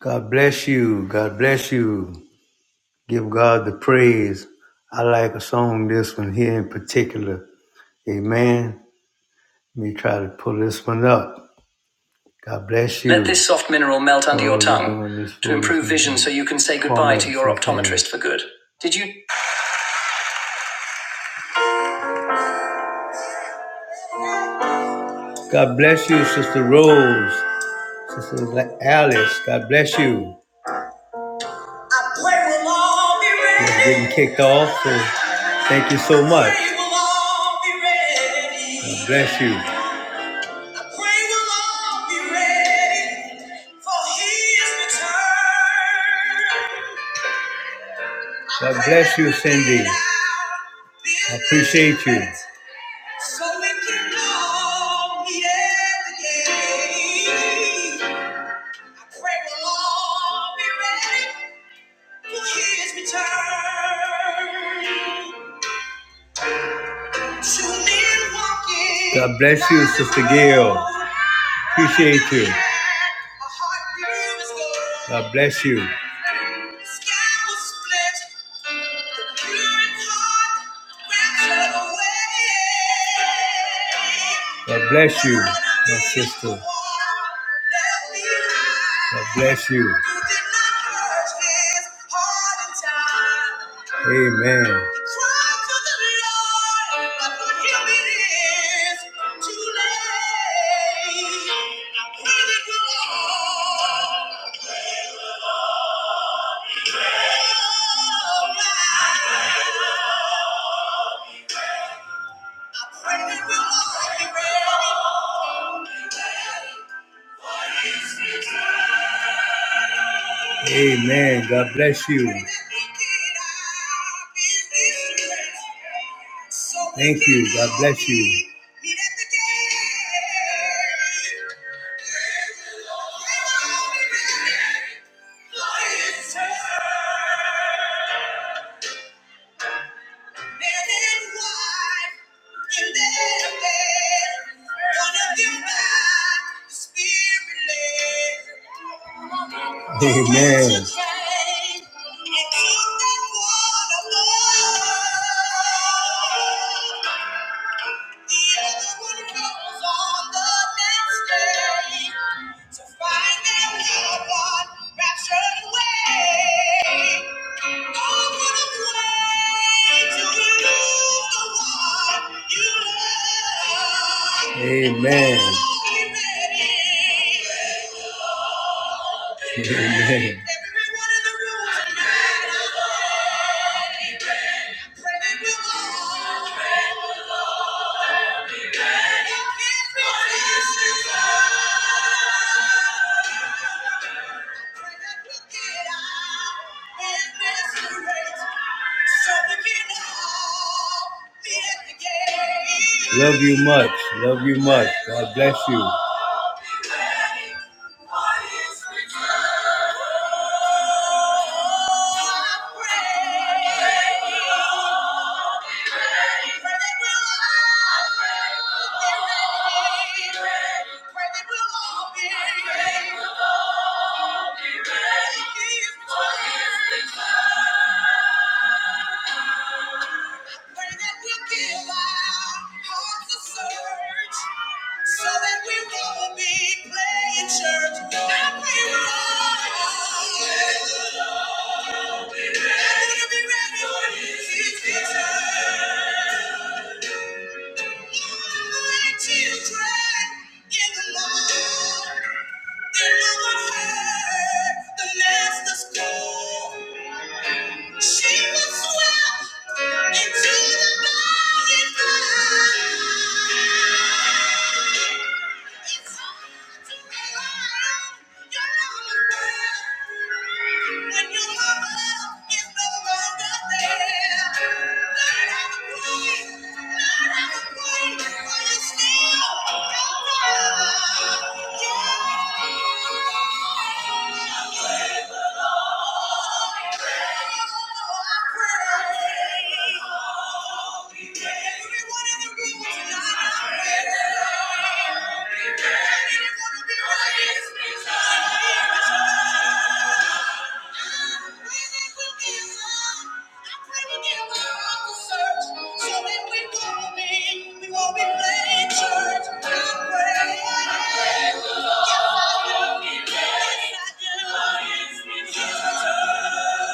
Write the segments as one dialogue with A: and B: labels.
A: God bless you. God bless you. Give God the praise. I like a song, this one here in particular. Amen. Let me try to pull this one up. God bless you. Let this soft mineral melt under oh, your tongue to improve vision so you can say goodbye to your optometrist for good. Did you? God bless you, Sister Rose. Sister Alice. God bless you. I pray we'll all be ready. Just getting kicked off, so thank you so much. God bless you. We will all be ready for his return. God bless you, Cindy. I appreciate you. So we can all meet at the gate. pray we'll all be ready for his return. God bless you, Sister Gail. Appreciate you. God bless you. God bless you, my sister. God bless you. Amen. Cry to the Lord, but for him it is too late. When it will all come right. Amen. God bless you. Thank you. God bless you. Men and wife in their bed. One of them died, the spirit led. Amen. And keep one Amen. Amen. Love you much. Love you much. God bless you. Thank you. Pray that we'll give our hearts a search so that we won't be playing church. I pray we're all ready. That we'll be ready when His return. Like children in the Lord. Then we will hear the Master's call. She was swept into the body of Christ. It's hard to rely on your own strength when your mama is no longer there. Learn how to pray, learn how to pray, for you still don't know. Yeah. Thank you. Yes, I do. Yes, I do. Yes, I do.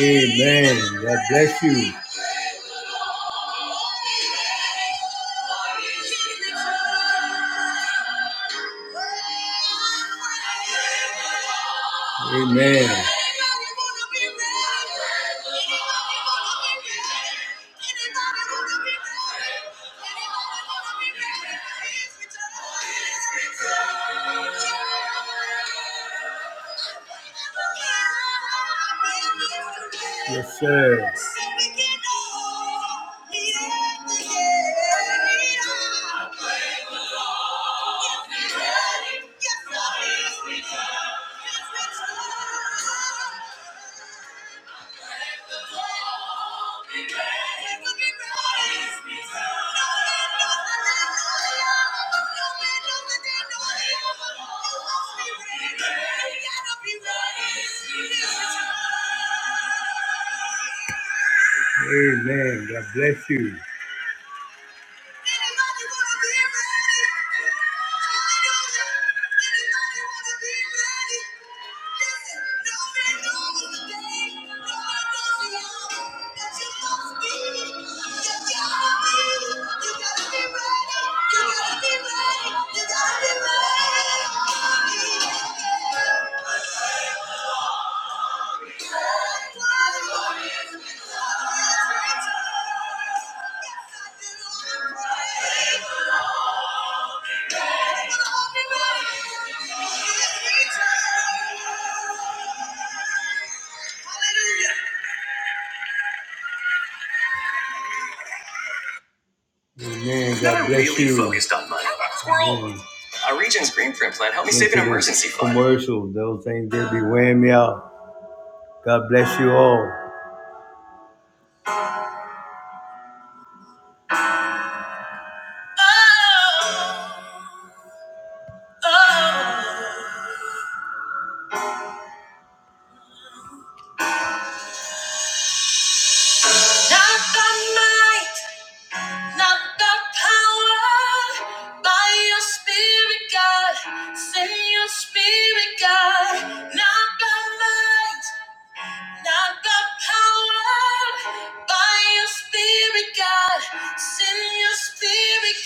A: Amen. God bless you. Amen. Yes, I played with fire. I played with love. Yes, the beast returns. It returns. Amen. God bless you. Anybody wanna be ready? Hallelujah. Anybody wanna be ready? no man knows the day, no man knows the hour that you must be. You gotta be, you gotta be ready, you gotta be ready, you gotta be ready. Man, God bless really you. Focused on money. Amen. Our region's green print plan helped me save an emergency fund. Commercial, those things they be wearing me out. God bless you all. Oh, oh. Not by might, not by power, by your spirit, God. Send your spirit, God. Not by might, not by power, by your spirit, God. Send your spirit,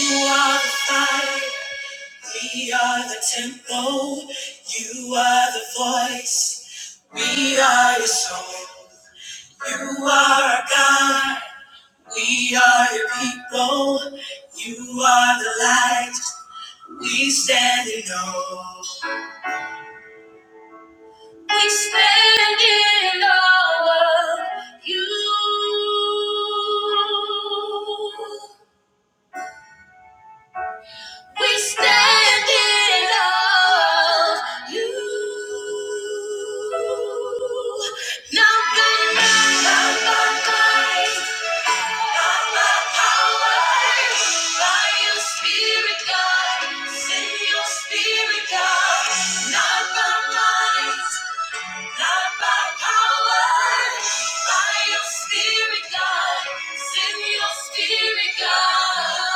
A: God. You are the fire, we are the temple. You are the voice, we are your soul. You are our God. We are your people. You are the light. We stand in awe. We stand in awe of you. We stand in awe of you. Now God, Not by power, by your spirit, God. Send your spirit, God. Not by might, not by power, by your spirit, God. Send your spirit, God.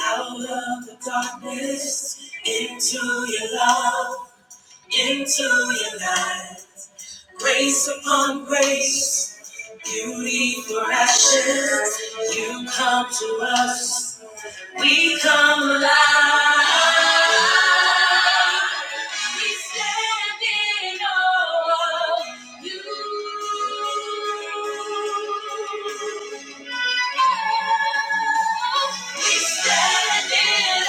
A: out of the darkness into your love. into your life. Grace upon grace, beauty for ashes. You come to us, we come alive. standing on you. We standing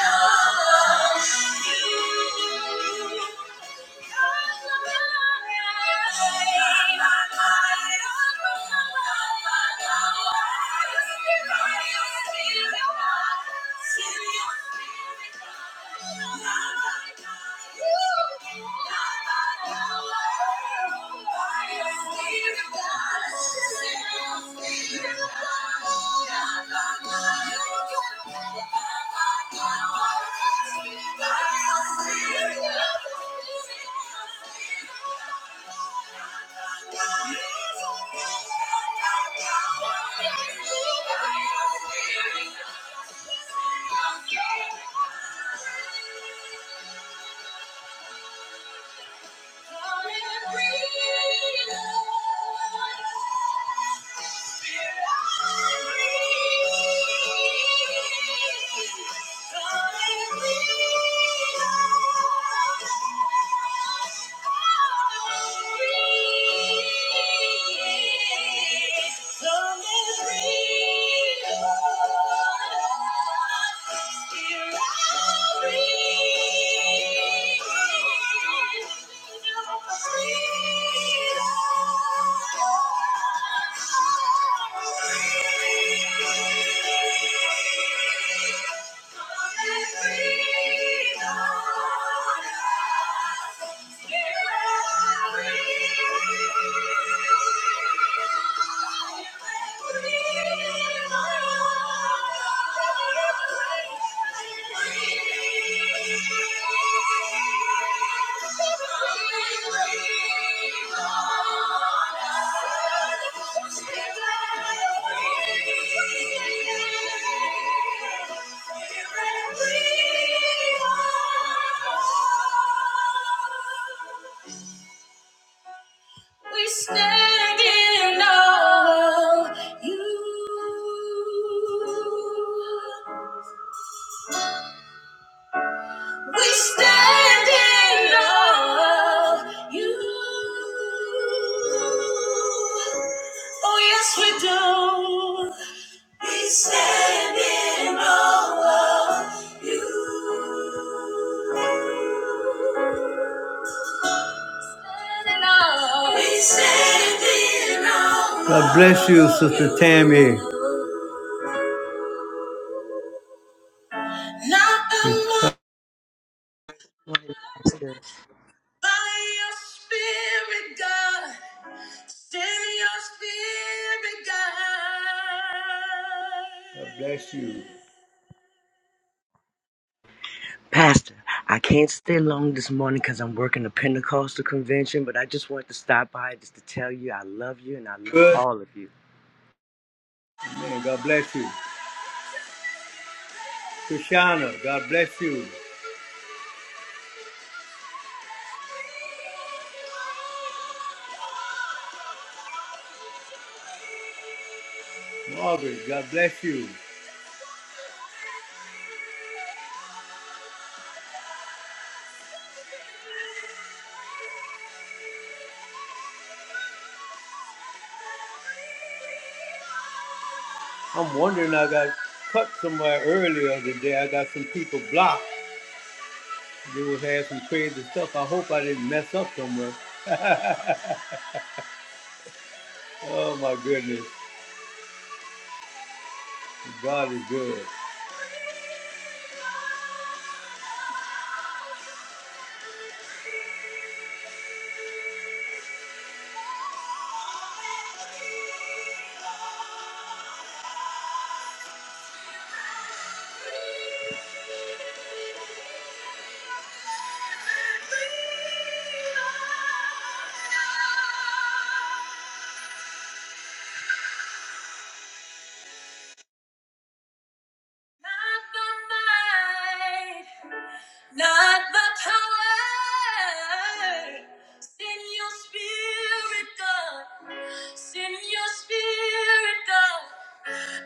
A: on you. Thank you. Come and breathe. Lord. Spirit, Thank you. Thank you. We stand in awe of you. We stand in awe of you. Oh, yes, we do. We stand in awe of you. God bless you, Sister Tammy. Not alone
B: morning, Pastor.
A: by your spirit, God. Send your spirit, God. God bless you.
B: Pastor, I can't stay long this morning because I'm working the Pentecostal convention, but I just wanted to stop by just to tell you I love you and I love
A: Good
B: all of you.
A: man, God bless you. Krishana, God bless you. Margaret, God bless you. I'm wondering, I got cut somewhere earlier today. I got some people blocked. They was had some crazy stuff. I hope I didn't mess up somewhere. Oh my goodness, God is good. Not the night. Not by power. Send your spirit, God. Send your spirit, God.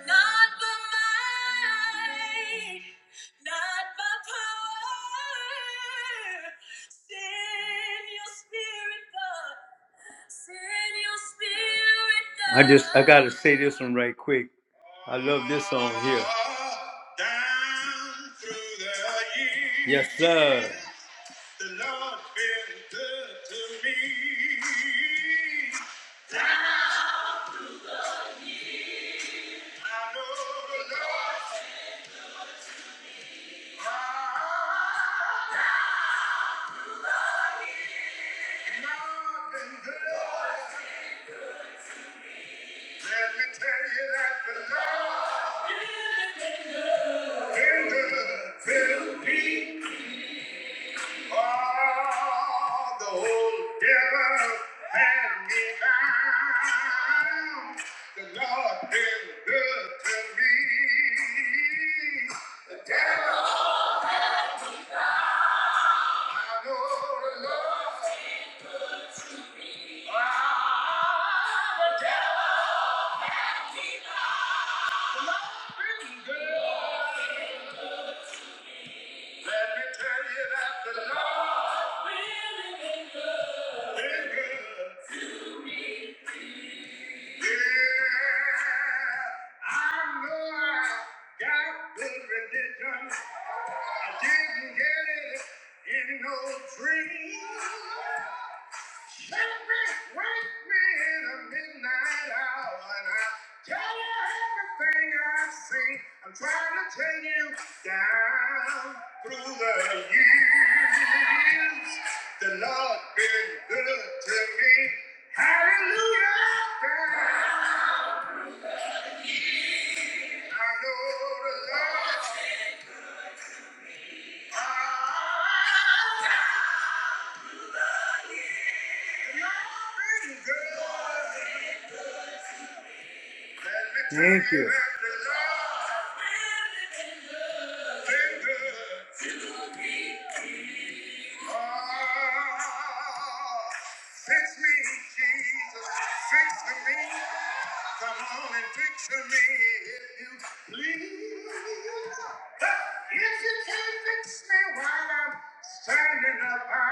A: Not by might. Not by power. Send your spirit, God. Send your spirit, God. I just, I gotta say this one right quick. I love this song here. Yes, sir. Let me tell you that the love in the Philippines, oh, the whole devil had me bound. The Lord been good to me. The devil, I know the Lord. Ah, the devil been good. Let me tell you that the Lord been good. Yeah, I know I got good religion. I didn't get it in no dream. I'm trying to take you down through the years. The Lord been good to me. Hallelujah. God. I know the Lord. Ah, the Lord been good. Thank you. Let me tell you that the Lord been good. Oh, fix me, Jesus, fix me. Come on and fix me if you please. If you can't fix me while I'm standing up, I'll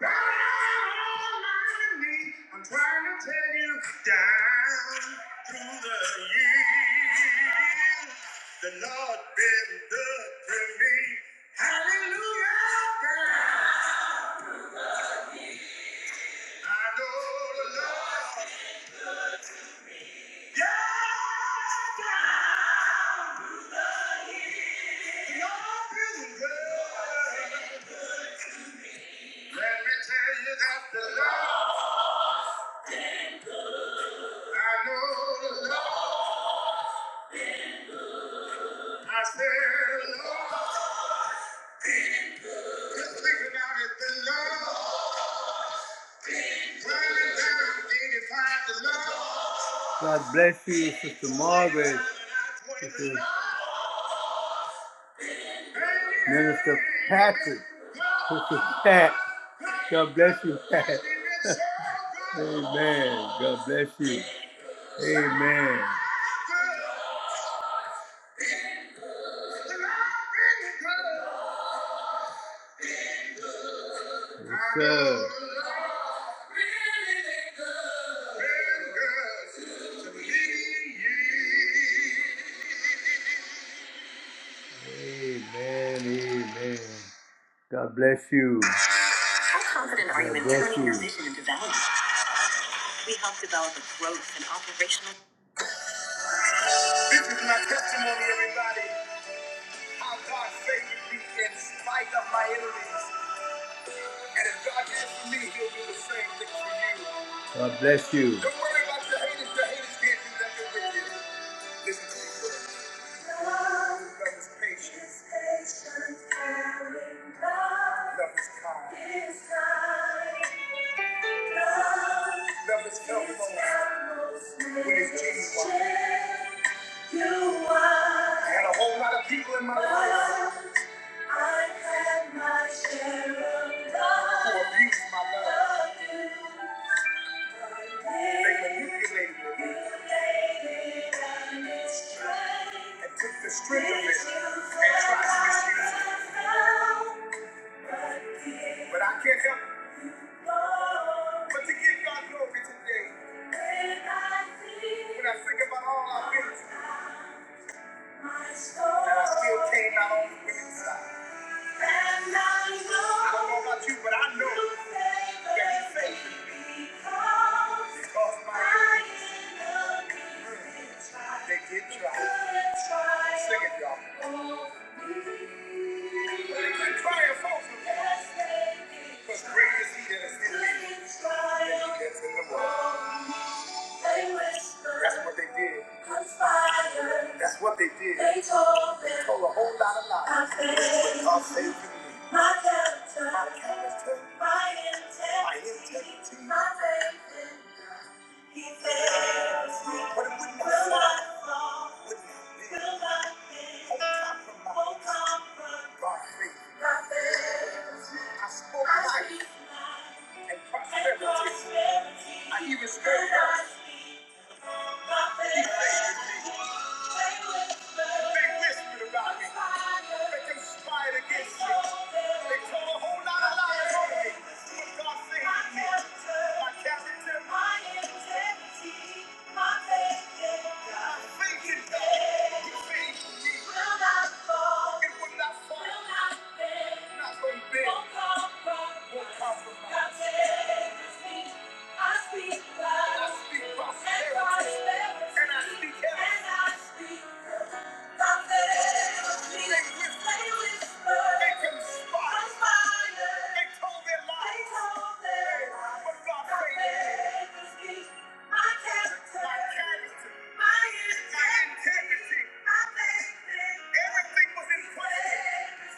A: bow down on my knee. I'm trying to tell you down through the years. The Lord been good to me. Hallelujah. Yeah, God bless you, Sister Margaret. Sister Minister Patrick. Sister Pat. God bless you. Amen. God bless you. Amen. So. Amen. Amen. God bless you. God bless you. This is my testimony, everybody. How God favored me in spite of my enemies. And if God did for me, He'll do the same thing for you. Don't worry about the haters. The haters can't do nothing with you. Listen to me, brother. Love is patient. Love is kind. Love is helpful when it's genuine. I had a whole lot of people in my life who abused my love. They manipulated it and took the strength of it and tried to misuse it. But I can't help it. but to give God glory today. When I think about all I've been through, and I still came out on the winning side. I know. about you, but I know they did try. Sing it, y'all. But it did Because great is He that is in me than He that's in the world. They whispered. That's what they did. Conspired. That's what they did. They told me. They told a whole lot of lies. I failed. God saved My character. My character. My integrity. My integrity. My faith in God. He fails me. But it would not Will not fall. Would not be. Will not be. Won't compromise. Won't compromise. God fails me. I spoke I life. life and prosperity. And he restored us. They whispered about me. They conspired against me. They told a whole lot of lies on me. But God saved me. My character. My integrity. My faith in God. My faith Will not fall. It will not bend. Won't compromise. Won't compromise. God saves me. I speak life. I speak and I speak heaven. They can spot. They told their lies. But God saved me. My My character. My integrity. My faith. Everything was in place.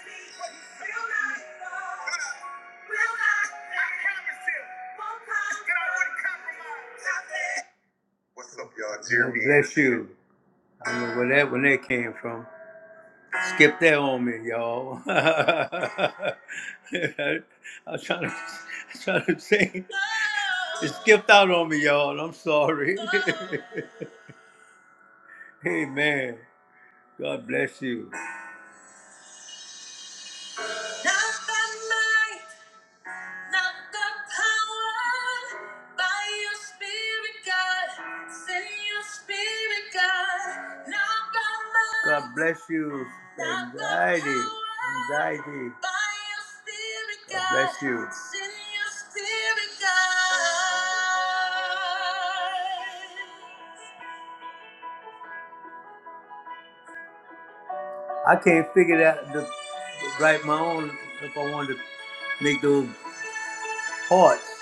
A: But will not fall. Will not. I promised him that I wouldn't compromise. Hope y'all hear me. Bless you. I don't know where that when that came from. Skip that on me, y'all. I was trying to, I was trying to sing. It skipped out on me, y'all. And I'm sorry. Amen. God bless you. Not the power by your spirit, God. Send your spirit, God. Not by might. God bless you. Not by Anxiety. power, Anxiety. By your spirit, God God bless you. Send your spirit, God. I can't figure out the write my own if I wanted to make those parts.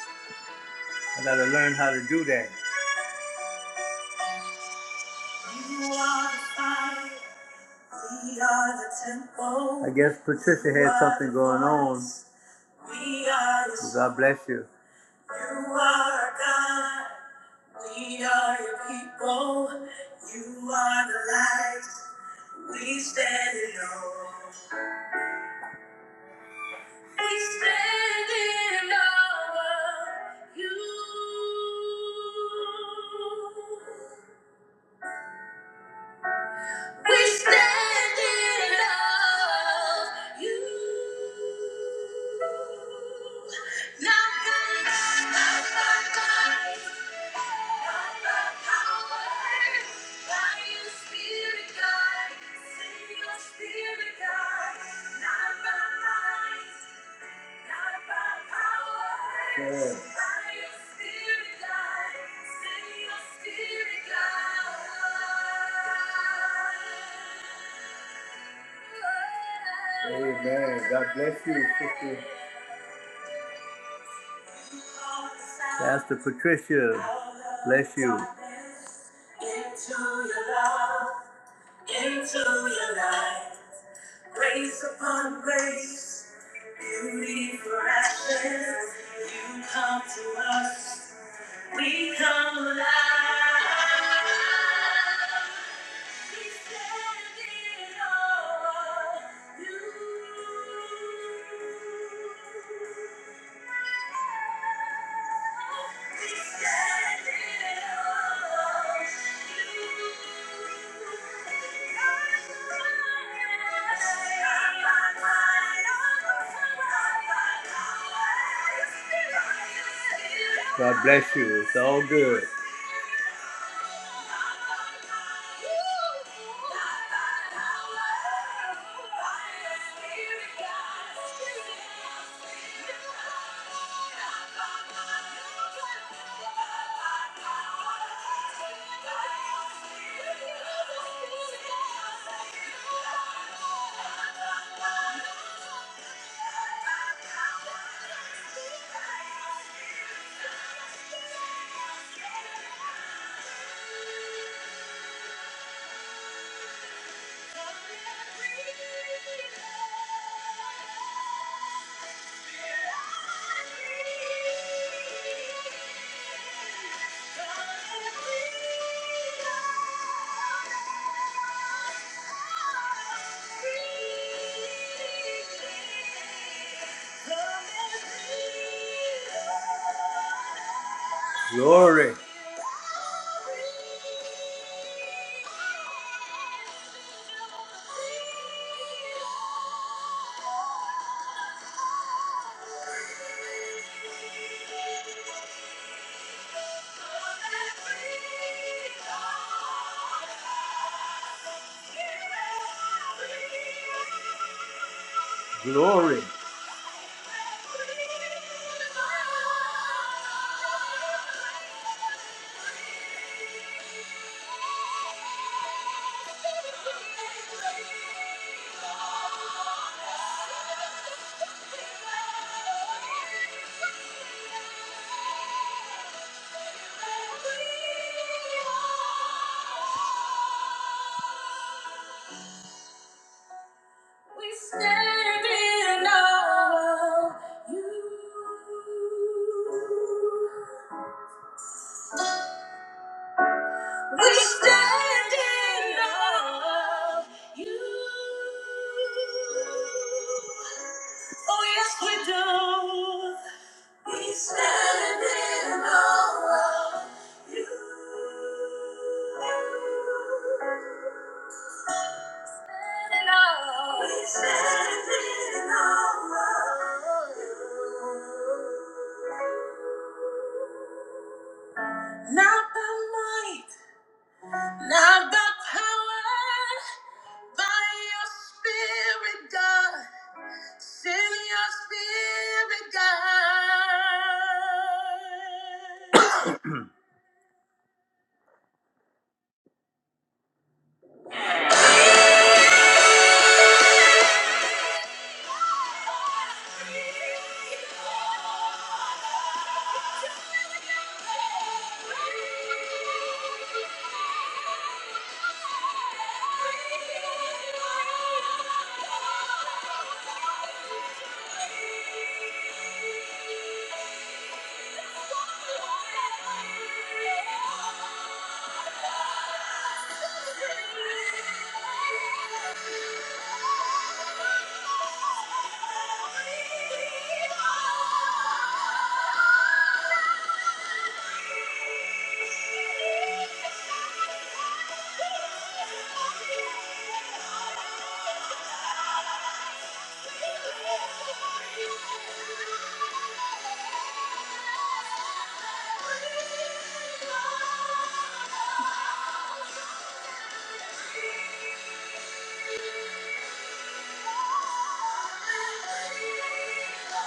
A: I gotta learn how to do that. You are the fire. I guess Patricia had something going on. God bless you. You are God. We are your people. You are the light. We stand in awe. We stand in awe of you. We stand in love. You. Not God, not God. God. Sure. Amen. God bless you, sister. Pastor Patricia, bless you. Into your love, into your life, grace upon grace, beauty for ashes. You come to us, we come alive. God bless you. It's all good. Thank you. Come and breathe. Glory. Thank you. We stand in awe of you. We stand in awe of you. Oh, yes, we do. We stand in awe of you. Not by might, not by power, by your spirit, God. Send your spirit, God. Thank you. Thank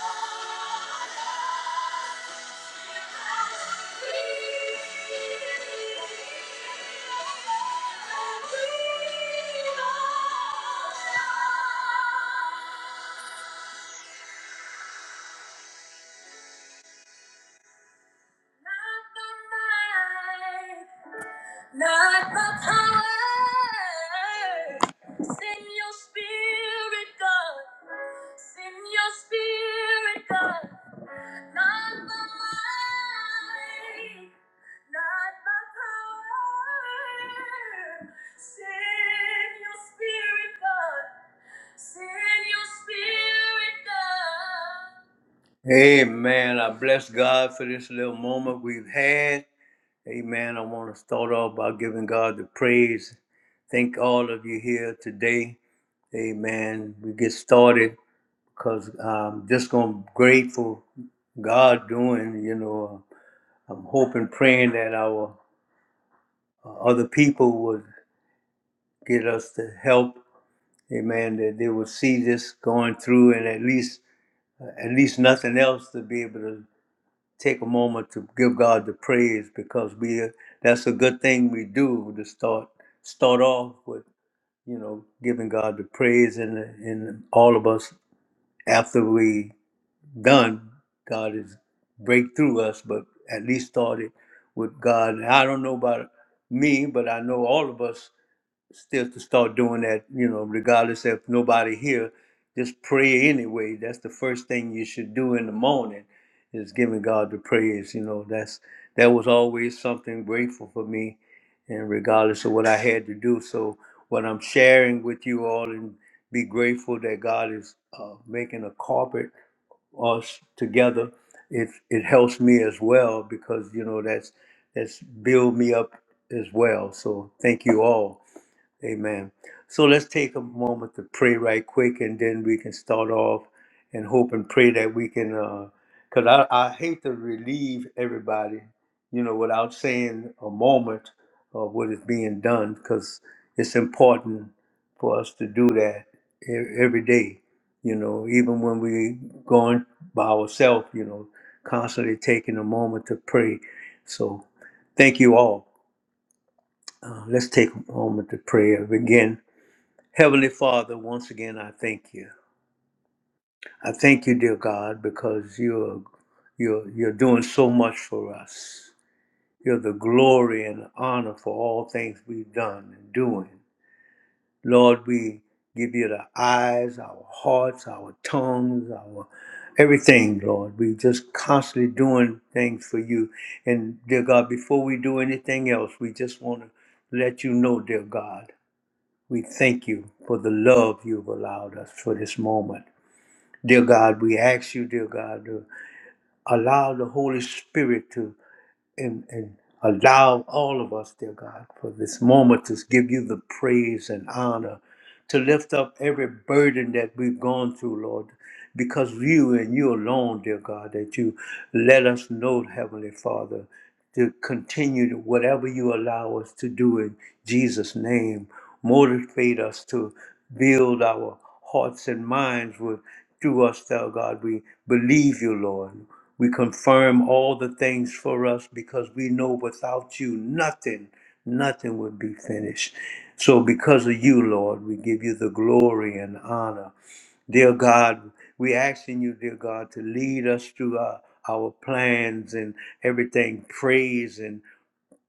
A: you. Not by power, send your spirit, God. Send your spirit, God, not by might, not by power. Send your spirit, God. Send your spirit, God. Amen. I bless God for this little moment we've had. Amen. I want to start off by giving God the praise. Thank all of you here today. Amen. We get started. Cause I'm just gonna grateful God doing. You know, uh, I'm hoping, praying that our uh, other people would get us the help. Amen. That they would see this going through, and at least, uh, at least nothing else to be able to take a moment to give God the praise because we uh, that's a good thing we do to start start off with you know giving God the praise and and all of us after we done. God is break through us, but at least started with God. And I don't know about me, but I know all of us still to start doing that, you know, regardless if nobody here, just pray anyway. That's the first thing you should do in the morning is giving God the praise. You know, that's that was always something grateful for me and regardless of what I had to do. So what I'm sharing with you all and be grateful that God is uh, making a carpet us together, it it helps me as well because you know that's that's build me up as well. So thank you all. Amen. So let's take a moment to pray right quick, and then we can start off and hope and pray that we can. Because I, I hate to relieve everybody, you know, without saying a moment of what is being done, because it's important for us to do that e- every day, you know, even when we going by ourselves, you know, constantly taking a moment to pray. So thank you all. Uh, let's take a moment to pray again. Heavenly Father, once again, I thank you. I thank you, dear God, because you're you're you're doing so much for us. You're the glory and honor for all things we've done and doing. Lord, we give you the eyes, our hearts, our tongues, our everything, Lord. We just constantly doing things for you. And dear God, before we do anything else, we just want to let you know, dear God, we thank you for the love you've allowed us for this moment. Dear God, we ask you, dear God, to allow the Holy Spirit to and, and allow all of us, dear God, for this moment to give you the praise and honor, to lift up every burden that we've gone through, Lord, because you and you alone, dear God, that you let us know, Heavenly Father to continue to whatever you allow us to do in Jesus' name. Motivate us to build our hearts and minds with through us, thou God. We believe you, Lord. We confirm all the things for us because we know without you nothing, nothing would be finished. So because of you, Lord, we give you the glory and honor Dear God, we asking you, dear God, to lead us through our, our plans and everything. Praise and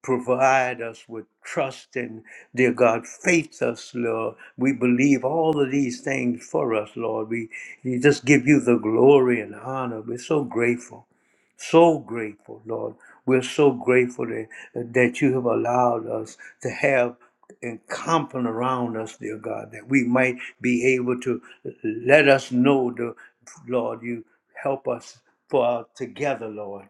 A: provide us with trust and, dear God, faith us, Lord. We believe all of these things for us, Lord. We, we just give you the glory and honor. We're so grateful. So grateful, Lord. We're so grateful that, that you have allowed us to have and company around us, dear God, that we might be able to let us know the Lord, you help us for our together, Lord.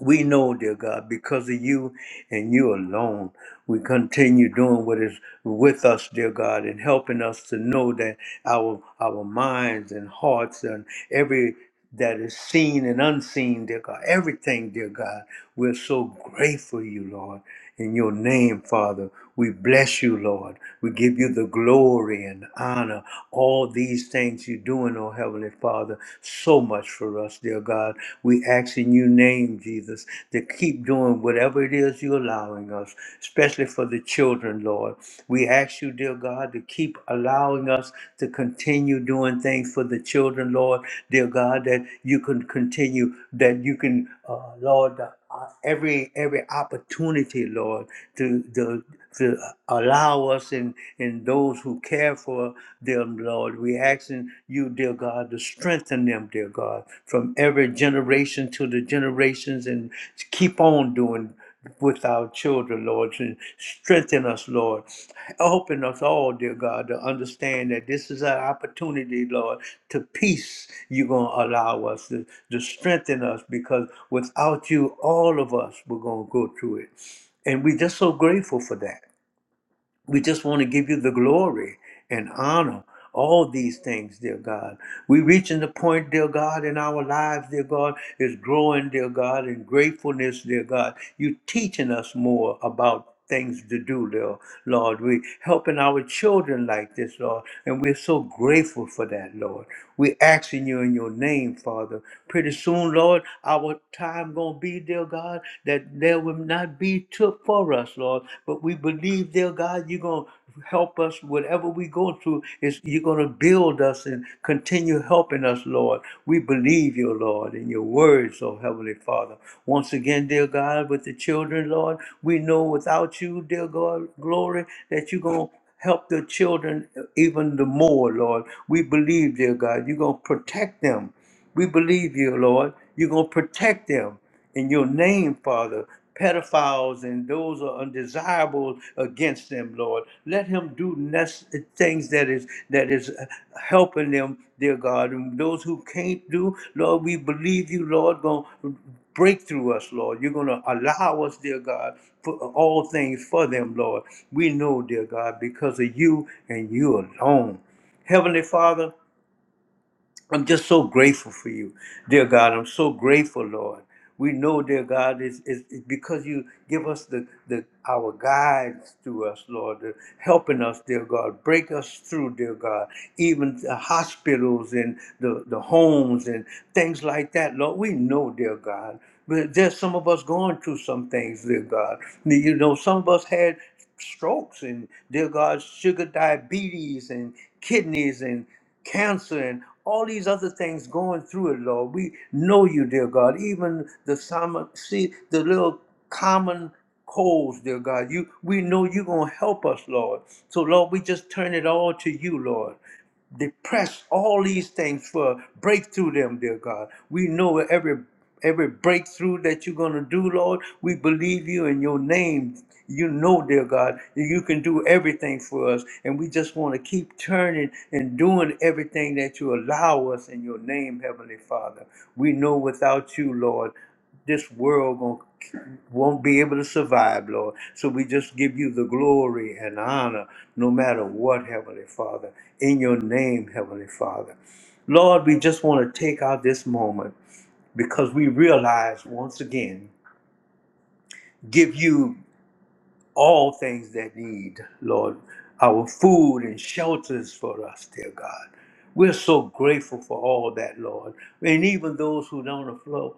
A: We know, dear God, because of you and you alone, we continue doing what is with us, dear God, and helping us to know that our our minds and hearts and every that is seen and unseen, dear God, everything, dear God, we're so grateful you, Lord. In your name, Father, we bless you, Lord. We give you the glory and honor. All these things you're doing, oh Heavenly Father, so much for us, dear God. We ask in your name, Jesus, to keep doing whatever it is you're allowing us, especially for the children, Lord. We ask you, dear God, to keep allowing us to continue doing things for the children, Lord, dear God, that you can continue, that you can, uh, Lord uh, every every opportunity, Lord, to to, to allow us and and those who care for them, Lord. We asking you, dear God, to strengthen them, dear God, from every generation to the generations, and keep on doing with our children, Lord, and strengthen us, Lord. Open us all, dear God, to understand that this is an opportunity, Lord, to peace you're going to allow us, to, to strengthen us, because without you, all of us, we're going to go through it. And we're just so grateful for that. We just want to give you the glory and honor. All these things, dear God. We're reaching the point, dear God, in our lives, dear God, is growing, dear God, in gratefulness, dear God. you teaching us more about things to do, dear Lord. we helping our children like this, Lord, and we're so grateful for that, Lord. we asking you in your name, Father. Pretty soon, Lord, our time gonna be, dear God, that that there will not be took for us, Lord. But we believe, dear God, you're going to help us. Whatever we go through, is you're going to build us and continue helping us, Lord. We believe you, Lord, in your words, oh Heavenly Father. Once again, dear God, with the children, Lord, we know without you, dear God, glory, that you're going to help the children even the more, Lord. We believe, dear God, you're going to protect them. We believe you, Lord. You're going to protect them in your name, Father. Pedophiles and those are undesirable against them, Lord. Let him do nec- things that is that is uh, helping them, dear God. And those who can't do, Lord, we believe you, Lord, going to break through us, Lord. You're going to allow us, dear God, for uh, all things for them, Lord. We know, dear God, because of you and you alone. Heavenly Father, I'm just so grateful for you, dear God. I'm so grateful, Lord. We know, dear God, is is because you give us the, the our guides to us, Lord, uh, helping us, dear God, break us through, dear God, even the hospitals and the, the homes and things like that, Lord. We know, dear God. But there's some of us going through some things, dear God. You know, some of us had strokes and dear God, sugar diabetes and kidneys and cancer and all these other things going through it, Lord. We know you, dear God. Even the summer, see the little common colds, dear God. You, we know you're gonna help us, Lord. So, Lord, we just turn it all to you, Lord depressed, all these things for breakthrough them, dear God. We know every every breakthrough that you're gonna do, Lord. We believe you in your name. You know, dear God, that you can do everything for us. And we just want to keep turning and doing everything that you allow us in your name, Heavenly Father. We know without you, Lord this world gon- won't be able to survive, Lord. So we just give you the glory and honor, no matter what, Heavenly Father, in your name, Heavenly Father. Lord, we just want to take out this moment because we realize once again, give you all things that need, Lord, our food and shelters for us, dear God. We're so grateful for all that, Lord. And even those who don't aflow,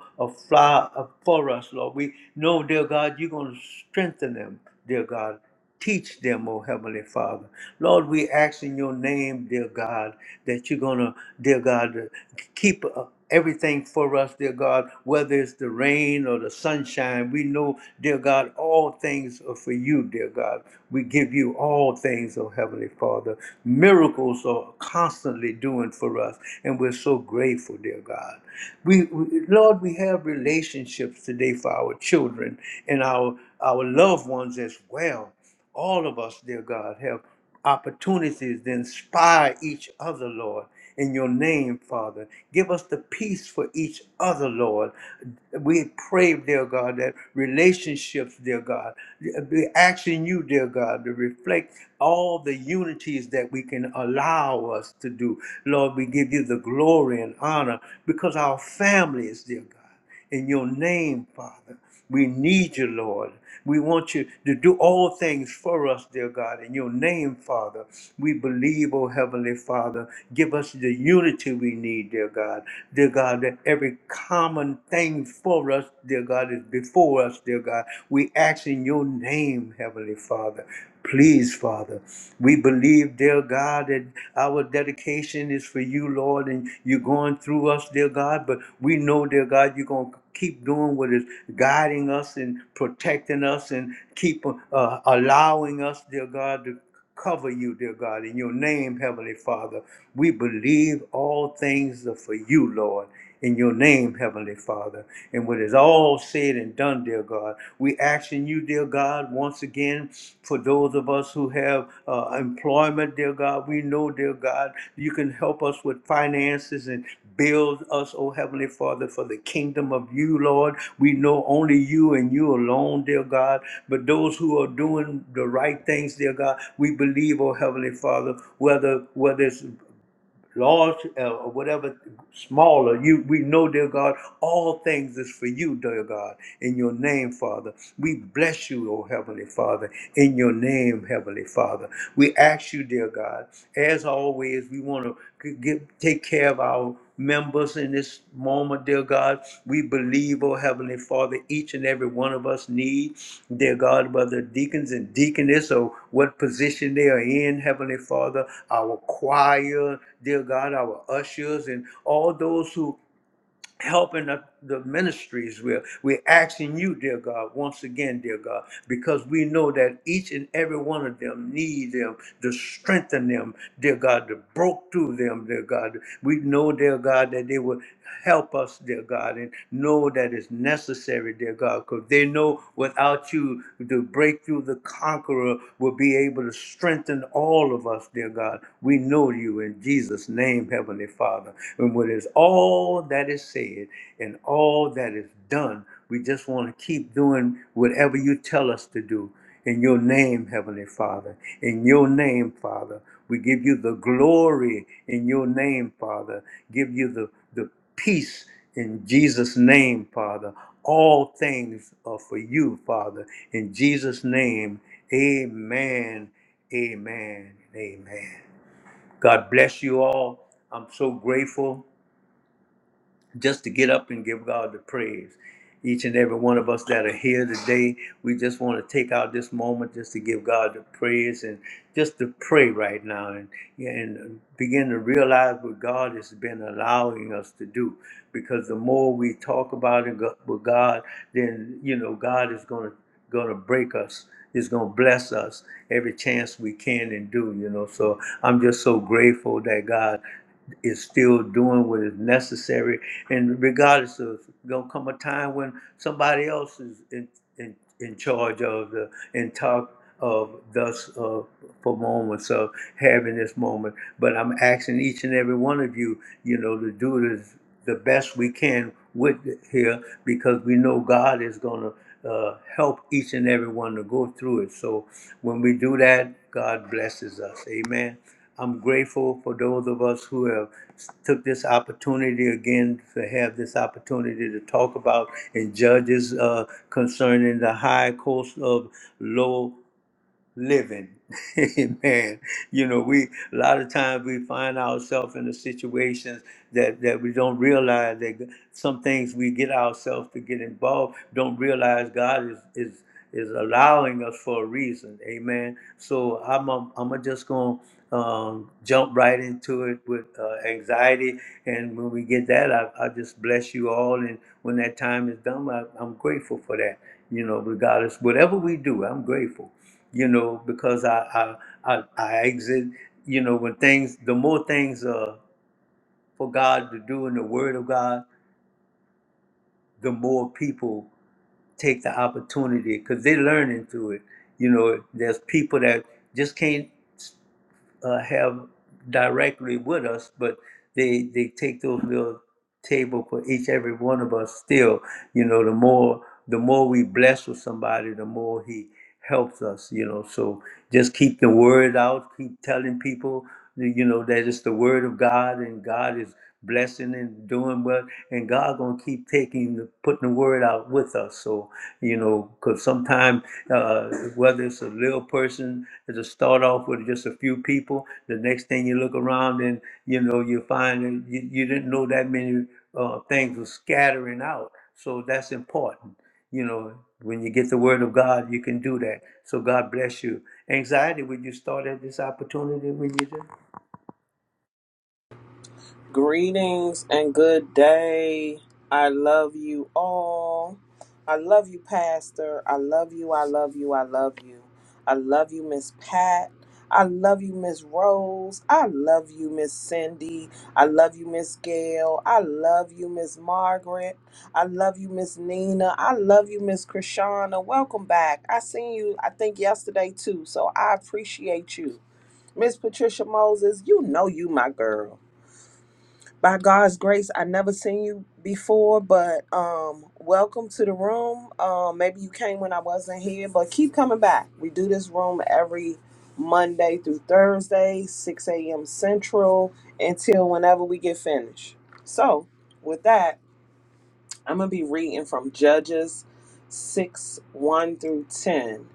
A: fly for us, Lord, we know, dear God, you're going to strengthen them, dear God. Teach them, oh Heavenly Father. Lord, we ask in your name, dear God, that you're going to, dear God, keep us everything for us, dear God, whether it's the rain or the sunshine. We know, dear God, all things are for you, dear God. We give you all things, oh Heavenly Father. Miracles are constantly doing for us, and we're so grateful, dear God. We, we Lord, we have relationships today for our children and our our loved ones as well. All of us, dear God, have opportunities to inspire each other, Lord. In your name, Father. Give us the peace for each other, Lord. We pray, dear God, that relationships, dear God, be asking you, dear God, to reflect all the unities that we can allow us to do. Lord, we give you the glory and honor because our families, dear God in your name, Father. We need you, Lord. We want you to do all things for us, dear God, in your name, Father. We believe, oh Heavenly Father, give us the unity we need, dear God. Dear God, that every common thing for us, dear God, is before us, dear God. We ask in your name, Heavenly Father. Please, Father, we believe, dear dear God, that our dedication is for you, Lord, and you're going through us, dear God. But we know, dear God, you're going to keep doing what is guiding us and protecting us and keep uh, allowing us, dear God, to cover you, dear God, in your name, Heavenly Father. We believe all things are for you, Lord in your name, Heavenly Father. And what is all said and done, dear God, we asking you, dear God, once again, for those of us who have uh, employment, dear God, we know, dear God, you can help us with finances and build us, oh Heavenly Father, for the kingdom of you, Lord. We know only you and you alone, dear God. But those who are doing the right things, dear God, we believe, oh Heavenly Father, whether whether it's large uh, or whatever, smaller, you we know, dear God, all things is for you, dear God, in your name, Father. We bless you, oh Heavenly Father, in your name, Heavenly Father. We ask you, dear God, as always, we want to get, take care of our members in this moment, dear God. We believe, oh Heavenly Father, each and every one of us needs, dear God, whether deacons and deaconess or what position they are in, Heavenly Father, our choir, dear God, our ushers, and all those who helping the, the ministries. We're, we're asking you, dear God, once again, dear God, because we know that each and every one of them need them to strengthen them, dear God, to broke through them, dear God. We know, dear God, that they will help us, dear God, and know that it's necessary, dear God, because they know without you, the breakthrough, the conqueror will be able to strengthen all of us, dear God. We know you in Jesus' name, Heavenly Heavenly Father. And what is all that is said and all that is done, we just want to keep doing whatever you tell us to do. In your name, Heavenly Father. In your name, Father. We give you the glory in your name, Father. Give you the, the peace in Jesus' name, Father. All things are for you, Father. In Jesus' name, amen, amen, amen. God bless you all. I'm so grateful just to get up and give God the praise. Each and every one of us that are here today, we just want to take out this moment just to give God the praise and just to pray right now and, and begin to realize what God has been allowing us to do. Because the more we talk about it go- with God, then, you know, God is going to going to break us. It's going to bless us every chance we can and do, you know. So I'm just so grateful that God is still doing what is necessary. And regardless of, going to come a time when somebody else is in, in, in charge of the and talk of thus uh, for moments of having this moment. But I'm asking each and every one of you, you know, to do this the best we can with here because we know God is going to uh, help each and every one to go through it. So when we do that, God blesses us. Amen. I'm grateful for those of us who have took this opportunity again to have this opportunity to talk about and judges uh, concerning the high cost of low living. Amen. You know, we a lot of times we find ourselves in the situations that that we don't realize that g- some things we get ourselves to get involved, don't realize God is is is allowing us for a reason. Amen. So I'm i am i am a just gonna um, jump right into it with uh, anxiety, and when we get that, I, I just bless you all. And when that time is done, I, I'm grateful for that. You know, regardless, whatever we do, I'm grateful you know, because I I I, I exit, you know, when things the more things uh for God to do in the Word of God, the more people take the opportunity because they're learning through it. You know, there's people that just can't. uh, have directly with us, but they they take those little table for each every one of us. Still, you know, the more the more we bless with somebody, the more he helps us. You know, so just keep the word out. Keep telling people, that, you know, that it's the word of God, and God is blessing and doing well, and God gonna keep taking putting the word out with us. So, you know, because sometimes, uh, whether it's a little person, it's a start off with just a few people, the next thing you look around and, you know, you find that you, you didn't know that many uh, things were scattering out. So that's important. You know, when you get the word of God, you can do that. So God bless you. Anxiety, would you start at this opportunity when you do?
C: Greetings and good day. I love you all. I love you, Pastor. I love you. I love you. I love you. I love you, Miss Pat. I love you, Miss Rose. I love you, Miss Cindy. I love you, Miss Gail. I love you, Miss Margaret. I love you, Miss Nina. I love you, Miss Krishana. Welcome back. I seen you, I think, yesterday too, so I appreciate you. Miss Patricia Moses, you know you my girl. By God's grace, I never seen you before, but um, welcome to the room. Um, maybe you came when I wasn't here, but keep coming back. We do this room every Monday through Thursday, 6 a.m. Central, until whenever we get finished. So, with that, I'm going to be reading from Judges 6 1 through 10.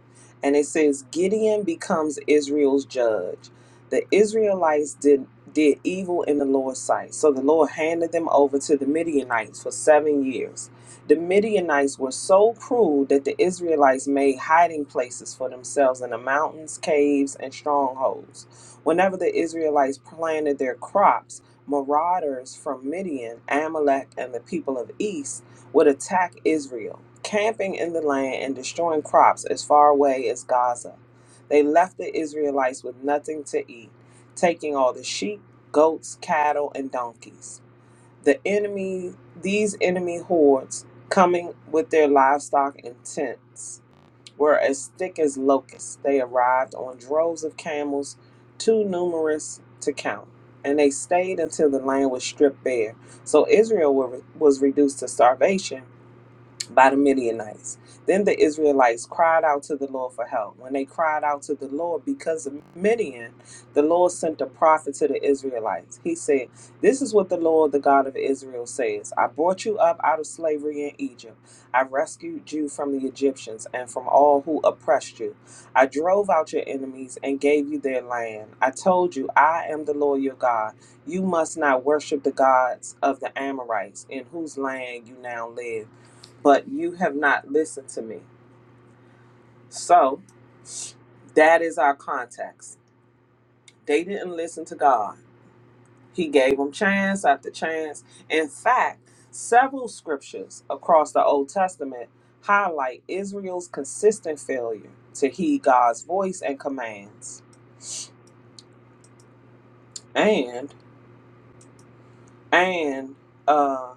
C: And it says, Gideon becomes Israel's judge. The Israelites did, did evil in the Lord's sight. So the Lord handed them over to the Midianites for seven years. The Midianites were so cruel that the Israelites made hiding places for themselves in the mountains, caves, and strongholds. Whenever the Israelites planted their crops, marauders from Midian, Amalek, and the people of East would attack Israel, camping in the land and destroying crops as far away as Gaza. They left the Israelites with nothing to eat, taking all the sheep, goats, cattle, and donkeys. The enemy, these enemy hordes, coming with their livestock and tents, were as thick as locusts. They arrived on droves of camels, too numerous to count, and they stayed until the land was stripped bare. So Israel were, was reduced to starvation by the Midianites. Then the Israelites cried out to the Lord for help. When they cried out to the Lord because of Midian, the Lord sent a prophet to the Israelites. He said, This is what the Lord, the God of Israel, says I brought you up out of slavery in Egypt. I rescued you from the Egyptians and from all who oppressed you. I drove out your enemies and gave you their land. I told you, I am the Lord your God. You must not worship the gods of the Amorites in whose land you now live but you have not listened to me. So that is our context. They didn't listen to God. He gave them chance after chance. In fact, several scriptures across the Old Testament highlight Israel's consistent failure to heed God's voice and commands, and and uh,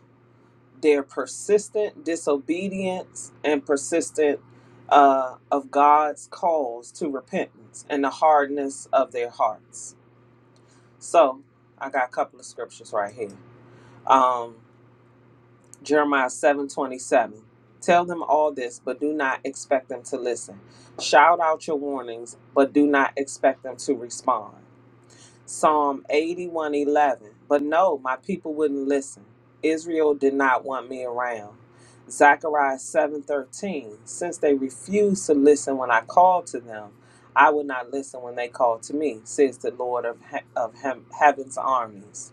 C: their persistent disobedience and persistent uh, of God's calls to repentance and the hardness of their hearts. So I got a couple of scriptures right here. Um, Jeremiah seven twenty seven. Tell them all this, but do not expect them to listen. Shout out your warnings, but do not expect them to respond. Psalm eighty one eleven. But no, my people wouldn't listen. Israel did not want me around. Zechariah seven thirteen. Since they refused to listen when I called to them, I would not listen when they called to me, says the Lord of, he- of he- heaven's armies.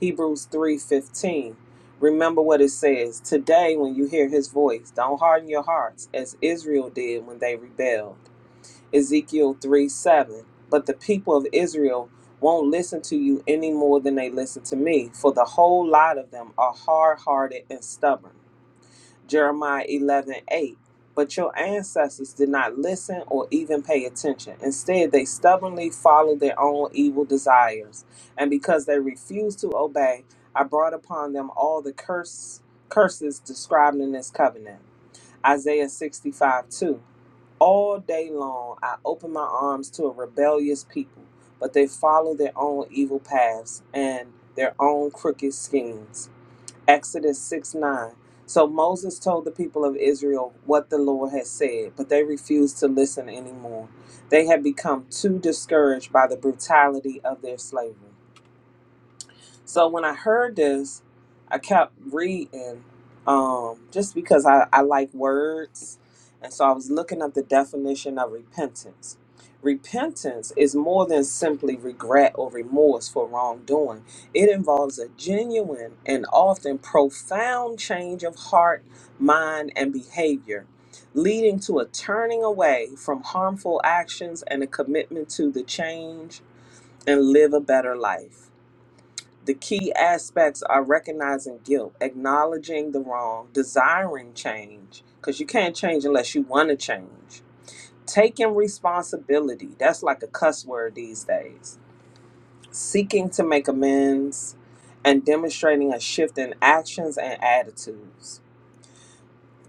C: Hebrews 3:15. Remember what it says, "Today when you hear his voice, don't harden your hearts as Israel did when they rebelled." Ezekiel three seven, But the people of Israel won't listen to you any more than they listen to me, for the whole lot of them are hard-hearted and stubborn. Jeremiah 11 8, But your ancestors did not listen or even pay attention. Instead, they stubbornly followed their own evil desires. And because they refused to obey, I brought upon them all the curse, curses described in this covenant. Isaiah 65 2. All day long, I open my arms to a rebellious people, but they follow their own evil paths and their own crooked schemes. Exodus 6 9. So Moses told the people of Israel what the Lord had said, but they refused to listen anymore. They had become too discouraged by the brutality of their slavery. So when I heard this, I kept reading um, just because I, I like words. And so I was looking up the definition of repentance. Repentance is more than simply regret or remorse for wrongdoing. It involves a genuine and often profound change of heart, mind, and behavior, leading to a turning away from harmful actions and a commitment to the change and live a better life. The key aspects are recognizing guilt, acknowledging the wrong, desiring change, because you can't change unless you want to change. Taking responsibility, that's like a cuss word these days. Seeking to make amends and demonstrating a shift in actions and attitudes.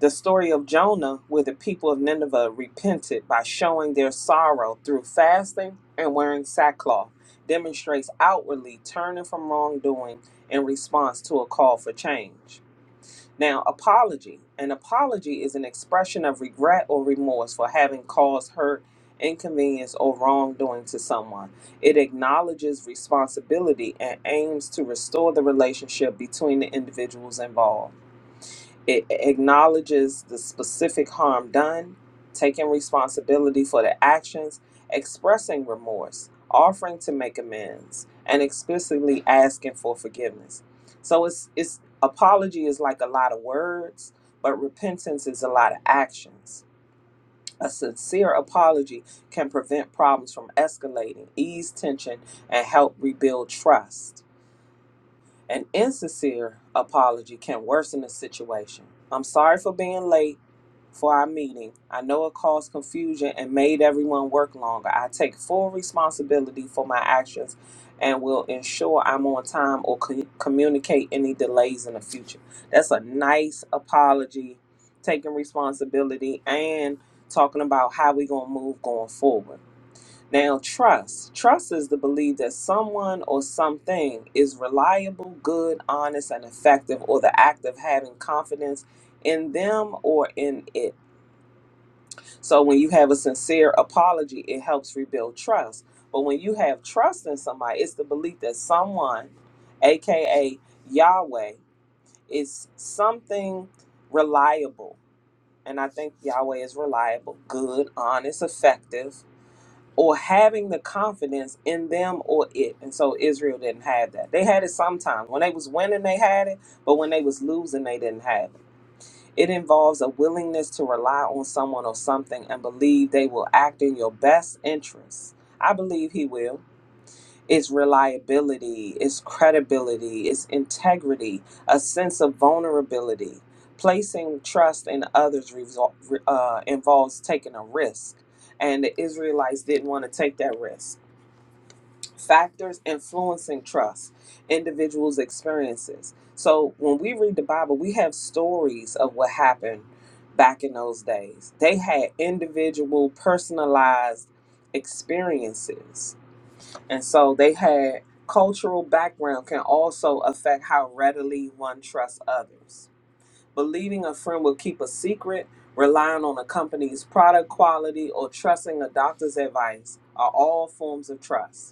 C: The story of Jonah, where the people of Nineveh repented by showing their sorrow through fasting and wearing sackcloth, demonstrates outwardly turning from wrongdoing in response to a call for change. Now, apology. An apology is an expression of regret or remorse for having caused hurt, inconvenience, or wrongdoing to someone. It acknowledges responsibility and aims to restore the relationship between the individuals involved. It acknowledges the specific harm done, taking responsibility for the actions, expressing remorse, offering to make amends, and explicitly asking for forgiveness. So it's it's apology is like a lot of words, but repentance is a lot of actions. A sincere apology can prevent problems from escalating, ease tension, and help rebuild trust. An insincere apology can worsen the situation. I'm sorry for being late for our meeting. I know it caused confusion and made everyone work longer. I take full responsibility for my actions and will ensure I'm on time or co- communicate any delays in the future. That's a nice apology, taking responsibility and talking about how we're going to move going forward. Now, trust. Trust is the belief that someone or something is reliable, good, honest, and effective, or the act of having confidence in them or in it. So, when you have a sincere apology, it helps rebuild trust. But when you have trust in somebody, it's the belief that someone, aka Yahweh, is something reliable. And I think Yahweh is reliable, good, honest, effective or having the confidence in them or it. And so Israel didn't have that. They had it sometimes. When they was winning, they had it, but when they was losing, they didn't have it. It involves a willingness to rely on someone or something and believe they will act in your best interest. I believe he will. It's reliability, it's credibility, it's integrity, a sense of vulnerability. Placing trust in others resol- uh, involves taking a risk and the Israelites didn't want to take that risk factors influencing trust, individuals' experiences. So when we read the Bible, we have stories of what happened back in those days. They had individual, personalized experiences. And so they had cultural background can also affect how readily one trusts others. Believing a friend will keep a secret, relying on a company's product quality, or trusting a doctor's advice are all forms of trust.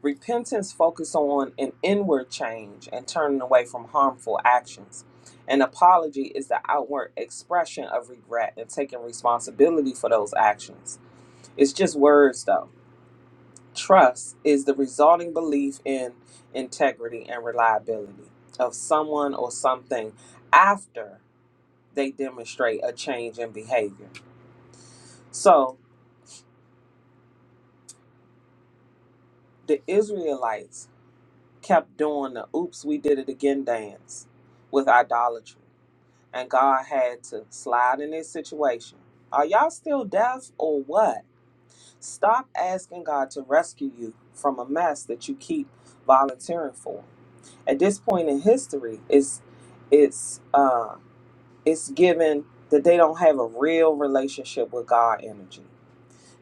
C: Repentance focuses on an inward change and turning away from harmful actions. An apology is the outward expression of regret and taking responsibility for those actions. It's just words, though. Trust is the resulting belief in integrity and reliability of someone or something after they demonstrate a change in behavior. So the Israelites kept doing the oops, we did it again dance with idolatry and God had to slide in this situation. Are y'all still deaf or what? Stop asking God to rescue you from a mess that you keep volunteering for. At this point in history, it's it's uh it's given that they don't have a real relationship with God energy.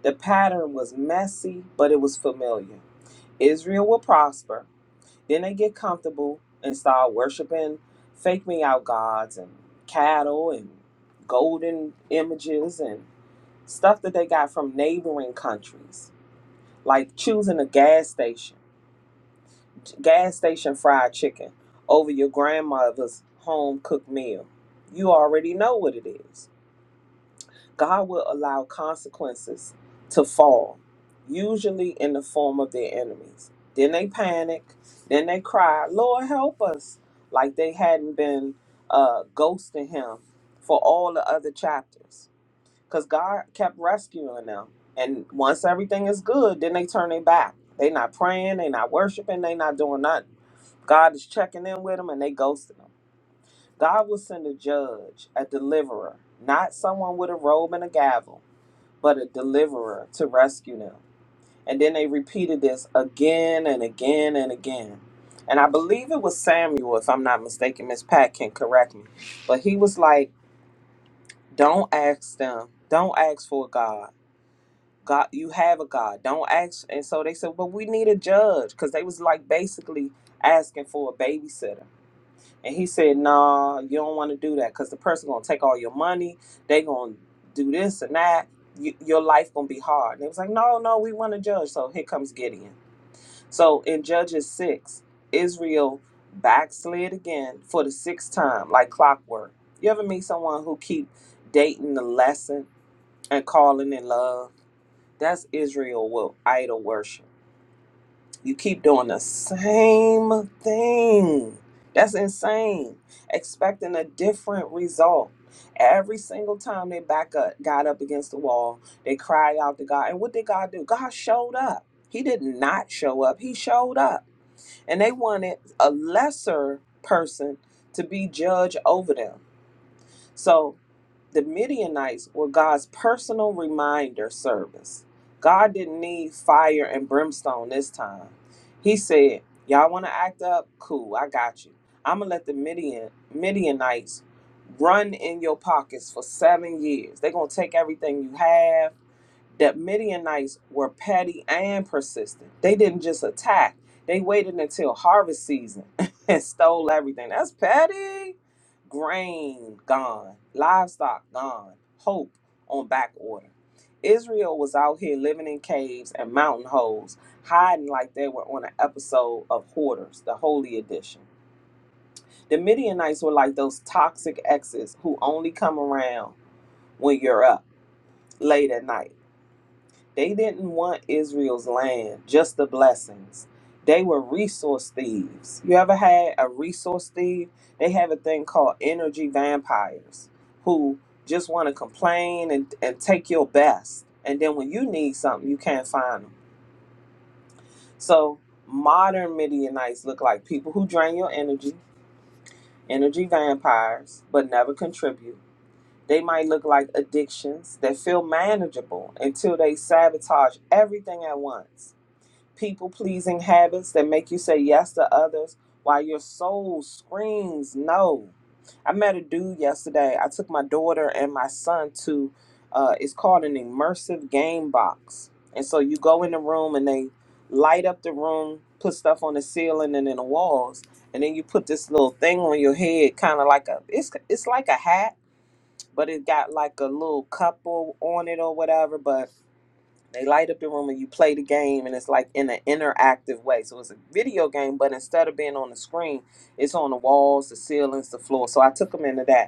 C: The pattern was messy, but it was familiar. Israel will prosper. Then they get comfortable and start worshiping fake me out gods and cattle and golden images and stuff that they got from neighboring countries, like choosing a gas station, gas station fried chicken over your grandmother's home cooked meal. You already know what it is. God will allow consequences to fall, usually in the form of their enemies. Then they panic, then they cry, Lord, help us, like they hadn't been uh, ghosting him for all the other chapters. Because God kept rescuing them. And once everything is good, then they turn their back. they not praying, they not worshiping, they not doing nothing. God is checking in with them and they ghosting them. God will send a judge, a deliverer, not someone with a robe and a gavel but a deliverer to rescue them. And then they repeated this again and again and again. And I believe it was Samuel, if I'm not mistaken. Miss Pat can correct me. But he was like, Don't ask them. Don't ask for a God. God you have a God. Don't ask and so they said, But we need a judge. Because they was like basically asking for a babysitter. And he said, "Nah, you don't want to do that because the person gonna take all your money. They gonna do this and that. You, your life gonna be hard." And it was like, "No, no, we want to judge." So here comes Gideon. So in Judges six, Israel backslid again for the sixth time, like clockwork. You ever meet someone who keep dating the lesson and calling in love? That's Israel with idol worship you keep doing the same thing. That's insane. Expecting a different result. Every single time they back up, got up against the wall, they cried out to God. And what did God do? God showed up. He did not show up. He showed up. And they wanted a lesser person to be judge over them. So the Midianites were God's personal reminder service. God didn't need fire and brimstone this time. He said, Y'all want to act up? Cool, I got you. I'm going to let the Midian, Midianites run in your pockets for seven years. They're going to take everything you have that Midianites were petty and persistent. They didn't just attack, they waited until harvest season and stole everything. That's petty. Grain gone, livestock gone, hope on back order. Israel was out here living in caves and mountain holes, hiding like they were on an episode of Hoarders, the Holy Edition. The Midianites were like those toxic exes who only come around when you're up late at night they didn't want Israel's land, just the blessings. They were resource thieves. You ever had a resource thief? They have a thing called energy vampires who just want to complain and, and take your best. And then when you need something, you can't find them. So modern Midianites look like people who drain your energy, energy vampires, but never contribute. They might look like addictions that feel manageable until they sabotage everything at once people pleasing habits that make you say yes to others while your soul screams no. I met a dude yesterday. I took my daughter and my son to, uh, it's called an immersive game box. And so you go in the room and they light up the room, put stuff on the ceiling and in the walls, and then you put this little thing on your head, kind of like a, it's it's like a hat, but it got like a little couple on it or whatever. But they light up the room and you play the game, and it's like in an interactive way. So it's a video game, but instead of being on the screen, it's on the walls, the ceilings, the floor. So I took them into that.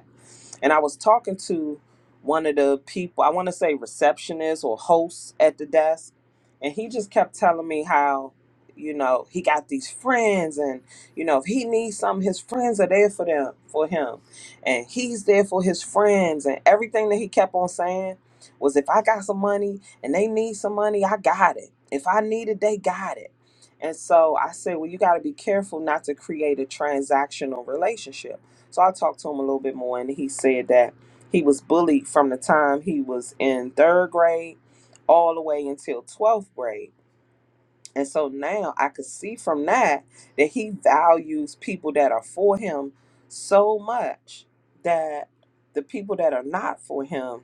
C: And I was talking to one of the people, I want to say receptionist or host at the desk, and he just kept telling me how, you know, he got these friends and, you know, if he needs something, his friends are there for them, for him. And he's there for his friends and everything that he kept on saying was if I got some money and they need some money, I got it. If I need it, they got it. And so I said, well, you got to be careful not to create a transactional relationship so I talked to him a little bit more, and he said that he was bullied from the time he was in third grade all the way until 12th grade. And so now I could see from that that he values people that are for him so much that the people that are not for him,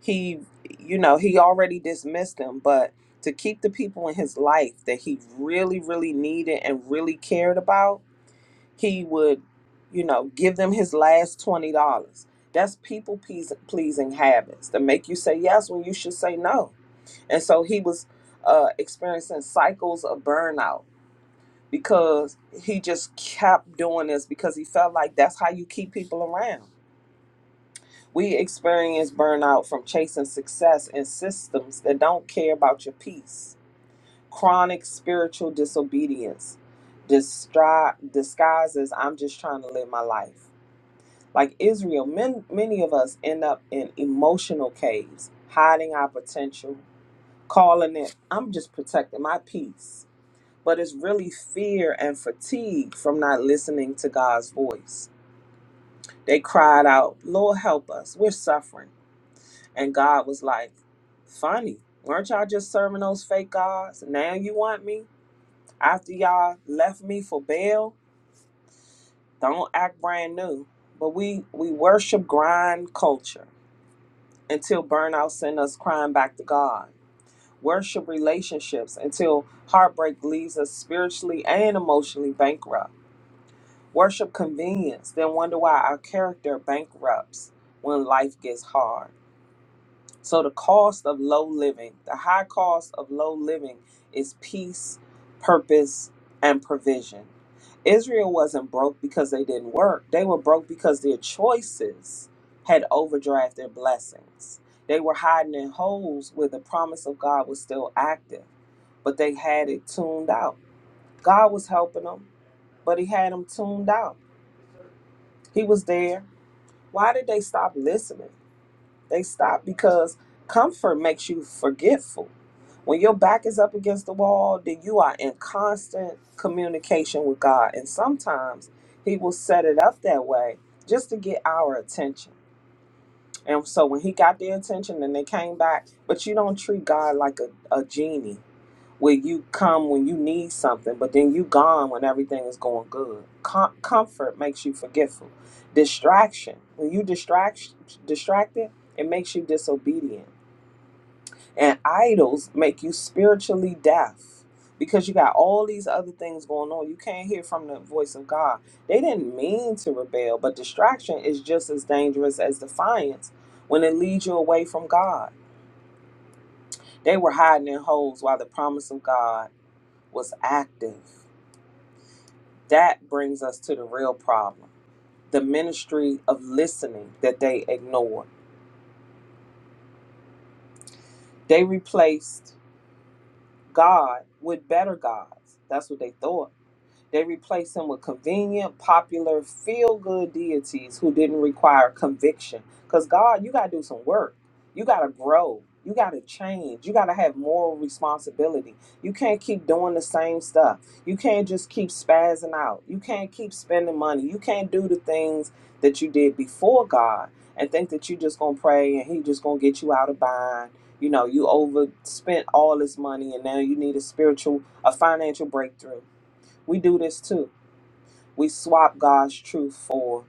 C: he, you know, he already dismissed them. But to keep the people in his life that he really, really needed and really cared about, he would, you know, give them his last twenty dollars. That's people pleas- pleasing habits that make you say yes when you should say no. And so he was uh, experiencing cycles of burnout because he just kept doing this because he felt like that's how you keep people around. We experience burnout from chasing success in systems that don't care about your peace. Chronic spiritual disobedience distri- disguises I'm just trying to live my life. like Israel, men, many of us end up in emotional caves, hiding our potential, calling it, I'm just protecting my peace. But it's really fear and fatigue from not listening to God's voice. They cried out, Lord, help us. We're suffering. And God was like, Funny, weren't y'all just serving those fake gods? Now you want me? After y'all left me for Baal? Don't act brand new. But we, we worship grind culture until burnout sends us crying back to God. Worship relationships until heartbreak leaves us spiritually and emotionally bankrupt. Worship convenience, then wonder why our character bankrupts when life gets hard. So the cost of low living, the high cost of low living is peace, purpose, and provision. Israel wasn't broke because they didn't work. They were broke because their choices had overdrafted their blessings. They were hiding in holes where the promise of God was still active, but they had it tuned out. God was helping them, but he had them tuned out. He was there. Why did they stop listening? They stop because comfort makes you forgetful. When your back is up against the wall, then you are in constant communication with God. And sometimes He will set it up that way just to get our attention. And so when He got their attention and they came back, but you don't treat God like a, a genie where you come when you need something, but then you gone when everything is going good. Com- comfort makes you forgetful. Distraction, when you distract distracted, it makes you disobedient. And idols make you spiritually deaf because you got all these other things going on. You can't hear from the voice of God. They didn't mean to rebel, but distraction is just as dangerous as defiance when it leads you away from God. They were hiding in holes while the promise of God was active. That brings us to the real problem the ministry of listening that they ignored. They replaced God with better gods. That's what they thought. They replaced him with convenient, popular, feel good deities who didn't require conviction. Because God, you got to do some work. You got to grow. You got to change. You got to have moral responsibility. You can't keep doing the same stuff. You can't just keep spazzing out. You can't keep spending money. You can't do the things that you did before God and think that you just going to pray and He just going to get you out of bind. You know, you overspent all this money and now you need a spiritual, a financial breakthrough we do this too. We swap God's truth for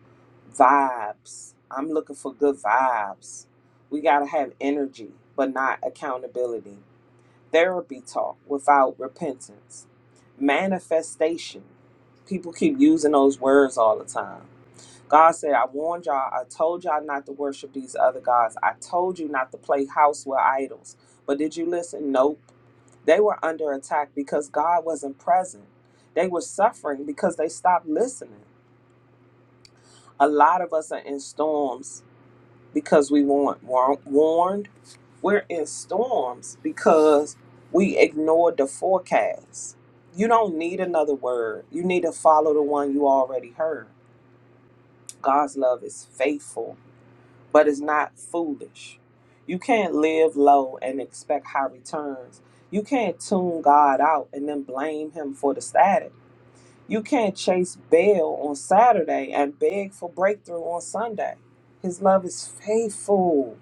C: vibes. I'm looking for good vibes. We got to have energy, but not accountability. Therapy talk without repentance. Manifestation. People keep using those words all the time. God said, I warned y'all, I told y'all not to worship these other gods. I told you not to play house with idols. But did you listen? Nope. They were under attack because God wasn't present. They were suffering because they stopped listening. A lot of us are in storms because we weren't war- warned. We're in storms because we ignored the forecast. You don't need another word. You need to follow the one you already heard. God's love is faithful but it's not foolish. You can't live low and expect high returns. You can't tune God out and then blame Him for the static. You can't chase Baal on Saturday and beg for breakthrough on Sunday. His love is faithful.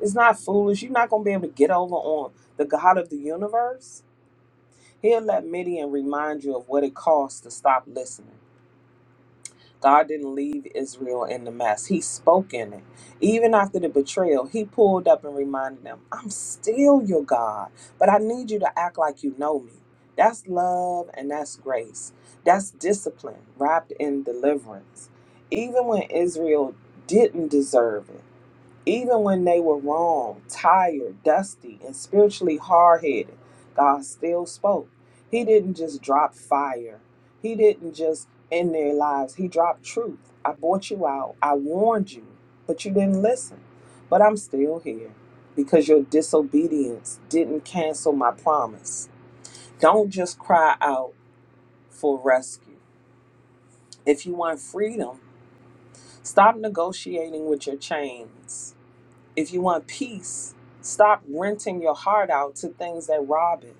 C: It's not foolish. You're not going to be able to get over on the God of the universe. He'll let Midian remind you of what it costs to stop listening. God didn't leave Israel in the mess. He spoke in it. Even after the betrayal, he pulled up and reminded them, I'm still your God, but I need you to act like you know me. That's love and that's grace. That's discipline wrapped in deliverance. Even when Israel didn't deserve it, even when they were wrong, tired, dusty, and spiritually hard headed, God still spoke. He didn't just drop fire, He didn't just end their lives. He dropped truth. I bought you out, I warned you, but you didn't listen. But I'm still here because your disobedience didn't cancel my promise. Don't just cry out for rescue. If you want freedom, stop negotiating with your chains. If you want peace, stop renting your heart out to things that rob it.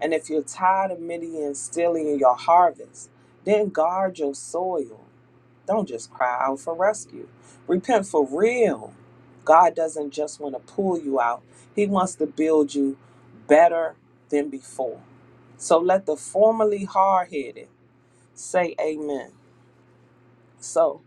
C: And if you're tired of Midian stealing your harvest, then guard your soil. Don't just cry out for rescue. Repent for real. God doesn't just want to pull you out, He wants to build you better than before. So let the formerly hard headed say amen. So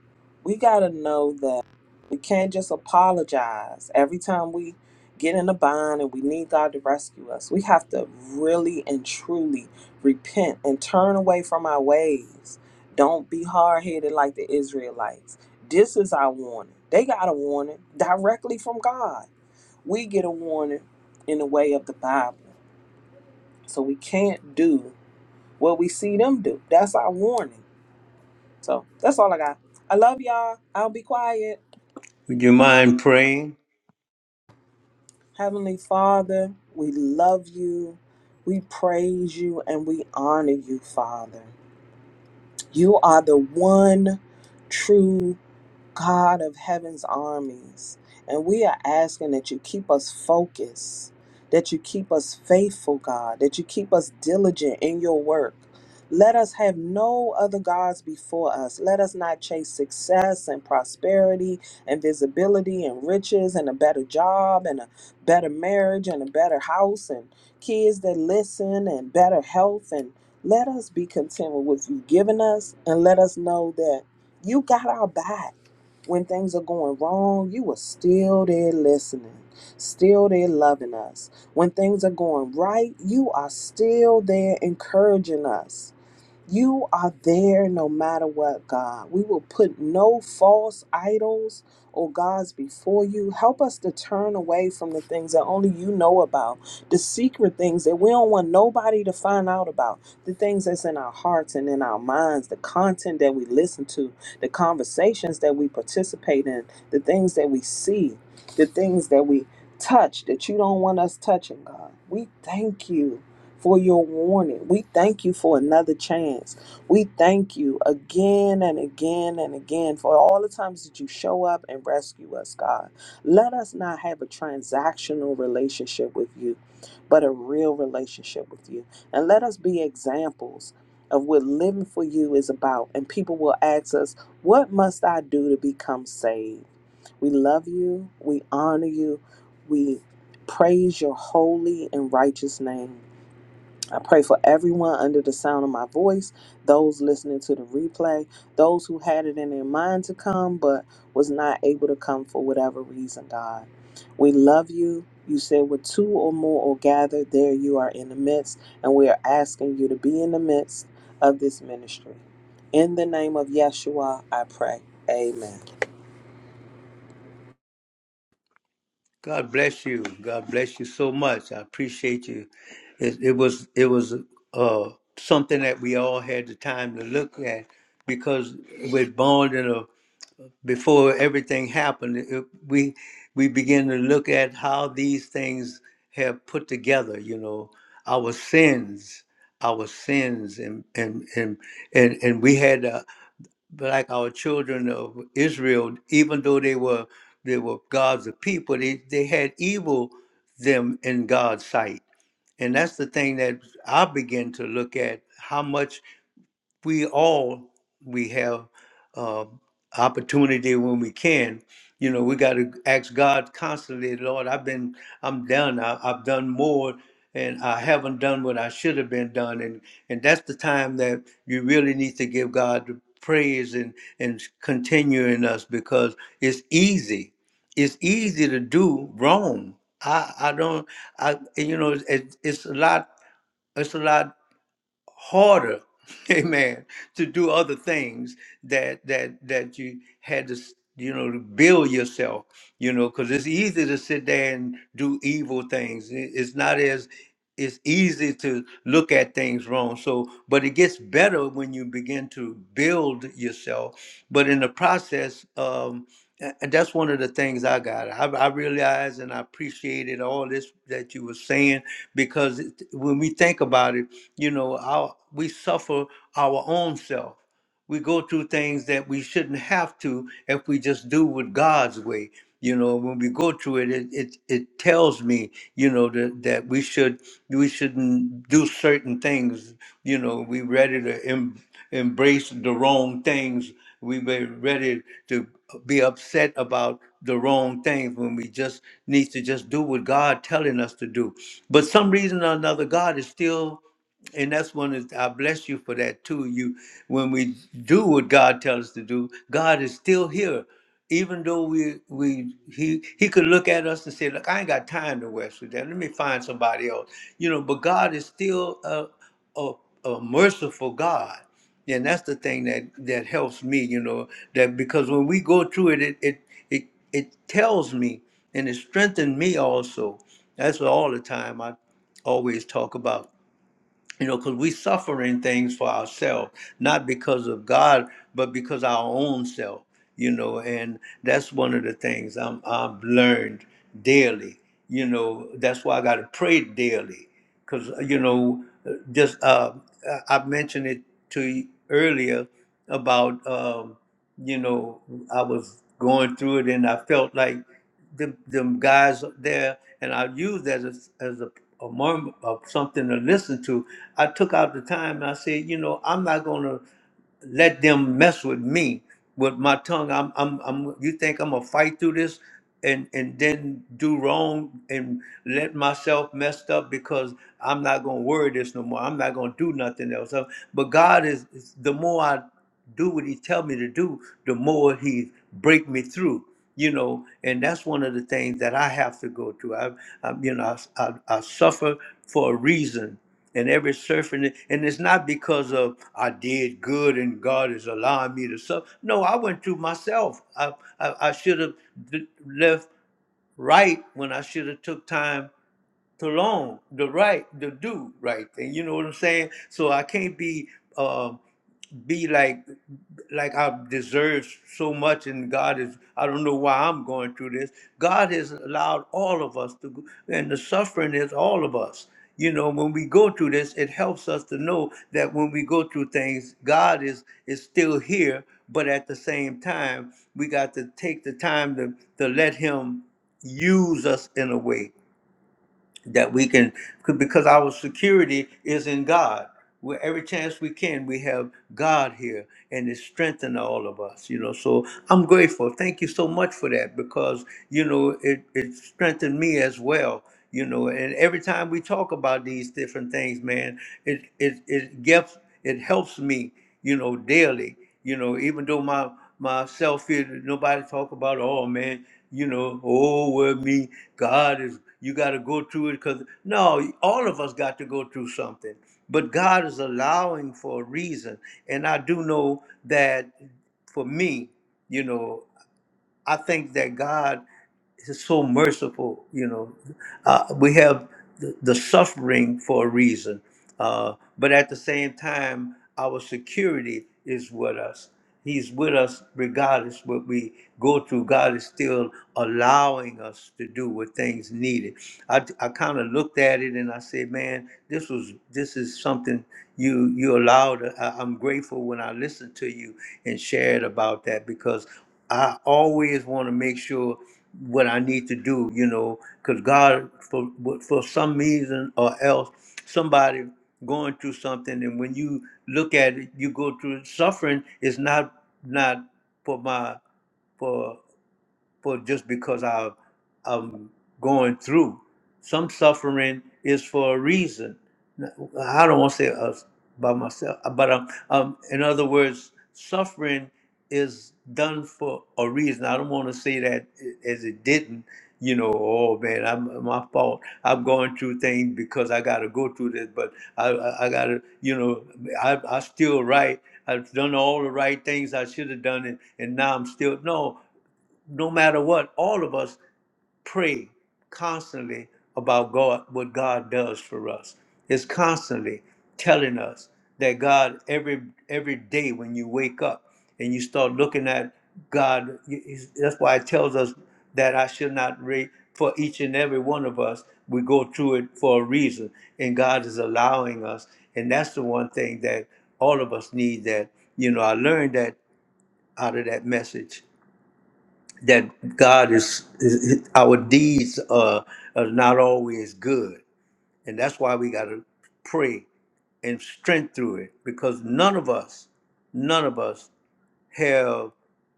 C: we got to know that we can't just apologize every time we get in a bind and we need God to rescue us. We have to really and truly repent and turn away from our ways. Don't be hard headed like the Israelites. This is our warning. They got a warning directly from God. We get a warning in the way of the Bible. So we can't do what we see them do. That's our warning. So that's all I got. I love y'all. I'll be quiet.
A: Would you mind praying?
C: Heavenly Father, we love you. We praise you and we honor you, Father. You are the one true God of heaven's armies. And we are asking that you keep us focused, that you keep us faithful, God, that you keep us diligent in your work. Let us have no other gods before us. Let us not chase success and prosperity and visibility and riches and a better job and a better marriage and a better house and kids that listen and better health. And let us be content with what you've given us and let us know that you got our back when things are going wrong, you are still there listening, still there loving us. When things are going right, you are still there encouraging us. You are there no matter what, God. We will put no false idols or gods before you. Help us to turn away from the things that only you know about, the secret things that we don't want nobody to find out about, the things that's in our hearts and in our minds, the content that we listen to, the conversations that we participate in, the things that we see, the things that we touch that you don't want us touching, God. We thank you for your warning. We thank you for another chance. We thank you again and again and again for all the times that you show up and rescue us, God. Let us not have a transactional relationship with you, but a real relationship with you. And let us be examples of what living for you is about. And people will ask us, What must I do to become saved? We love you. We honor you. We praise your holy and righteous name. I pray for everyone under the sound of my voice, those listening to the replay, those who had it in their mind to come but was not able to come for whatever reason, God. We love you. You said, with two or more are gathered, there you are in the midst. And we are asking you to be in the midst of this ministry. In the name of Yeshua, I pray. Amen.
A: God bless you. God bless you so much. I appreciate you. It, it was it was uh, something that we all had the time to look at because with born in a before everything happened, it, we we begin to look at how these things have put together. You know, our sins, our sins, and and and and, and we had. the like our children of Israel, even though they were they were God's people, they, they had evil them in God's sight. And that's the thing that I begin to look at how much we all we have uh, opportunity when we can you know we got to ask god constantly lord i've been i'm done I, i've done more and i haven't done what i should have been done and and that's the time that you really need to give god the praise and and continue in us because it's easy it's easy to do wrong i i don't i you know it, it's a lot it's a lot harder, amen, to do other things that that that you had to s- you know to build yourself, you know, because it's easy to sit there and do evil things. It- It's not as it's easy to look at things wrong. So, but it gets better when you begin to build yourself. But in the process, um, a- and that's one of the things I got. I, I realized and I appreciated all this that you were saying because it, when we think about it, you know, our, we suffer our own self we go through things that we shouldn't have to if we just do with God's way. You know, when we go through it, it it, it tells me, you know, that, that we should we shouldn't do certain things. You know, we ready to em- embrace the wrong things. We be ready to be upset about the wrong things when we just need to just do what God telling us to do. But some reason or another, God is still and that's one is I bless you for that too. You when we do what God tells us to do, God is still here. Even though we we he he could look at us and say, Look, I ain't got time to waste with that. Let me find somebody else. You know, but God is still a, a, a merciful God. And that's the thing that that helps me, you know, that because when we go through it, it it it, it tells me and it strengthens me also. That's all the time I always talk about you know, because we suffering things for ourselves, not because of God, but because our own self, you know, and that's one of the things I'm I've learned daily, you know. That's why I got to pray daily, because you know, just uh, I I mentioned it to you earlier about um, you know I was going through it, and I felt like them, them guys there, and I used that as, as a, a murmur of something to listen to. I took out the time and I said, you know, I'm not going to let them mess with me with my tongue. I'm, I'm, I'm. You think I'm gonna fight through this and and then do wrong and let myself messed up because I'm not gonna worry this no more. I'm not gonna do nothing else. Uh, But God is is- the more I do what he tell me to do, the more he break me through. You know, and that's one of the things that I have to go through. I, I you know, I, I, I suffer for a reason. And every suffering, and it's not because of I did good and God is allowing me to suffer. No, I went through myself. I I, I should have d- left right when I should have took time to long, the right, the do right thing. You know what I'm saying? So I can't be um be like like I deserve so much, and God is. I don't know why I'm going through this. God has allowed all of us to, go, and the suffering is all of us. You know, when we go through this, it helps us to know that when we go through things, God is is still here. But at the same time, we got to take the time to to let Him use us in a way that we can because our security is in God. Where every chance we can, we have God here, and it strengthens all of us. You know, so I'm grateful. Thank you so much for that because you know it it strengthened me as well. You know, and every time we talk about these different things, man, it it it gets it helps me. You know, daily you know, even though my myself here, nobody talk about. Oh man, you know, oh well, me, God is. You got to go through it because no, all of us got to go through something. But God is allowing for a reason, and I do know that for me, you know, I think that God is so merciful. You know, uh, we have the, the suffering for a reason, uh, but at the same time, our security is with us. He's with us regardless what we go through. God is still allowing us to do what things needed. I, I kind of looked at it and I said, man, this was this is something you you allowed. I, I'm grateful when I listened to you and shared about that because I always want to make sure what I need to do, you know, because God, for for some reason or else, somebody going through something, and when you look at it, you go through it. suffering. Is not not for my for for just because I I'm going through. Some suffering is for a reason I don't want to say us by myself, uh, but um, um, in other words, suffering is done for a reason. I don't want to say that as it didn't, you know. Oh man, I'm my fault. I'm going through things because I got to go through this, but I I, I got to, you know, I I still right. I've done all the right things I should have done, and and now I'm still no. No matter what, all of us pray constantly about God, what God does for us. It's constantly telling us that God every every day when you wake up and you start looking at God, you- he's- that's why it tells us that I should not rate for each and every one of us. We go through it for a reason, and God is allowing us, and that's the one thing that all of us need. That you know, I learned that out of that message that God is, is our deeds are, are not always good, and that's why we got to pray and strength through it because none of us, none of us have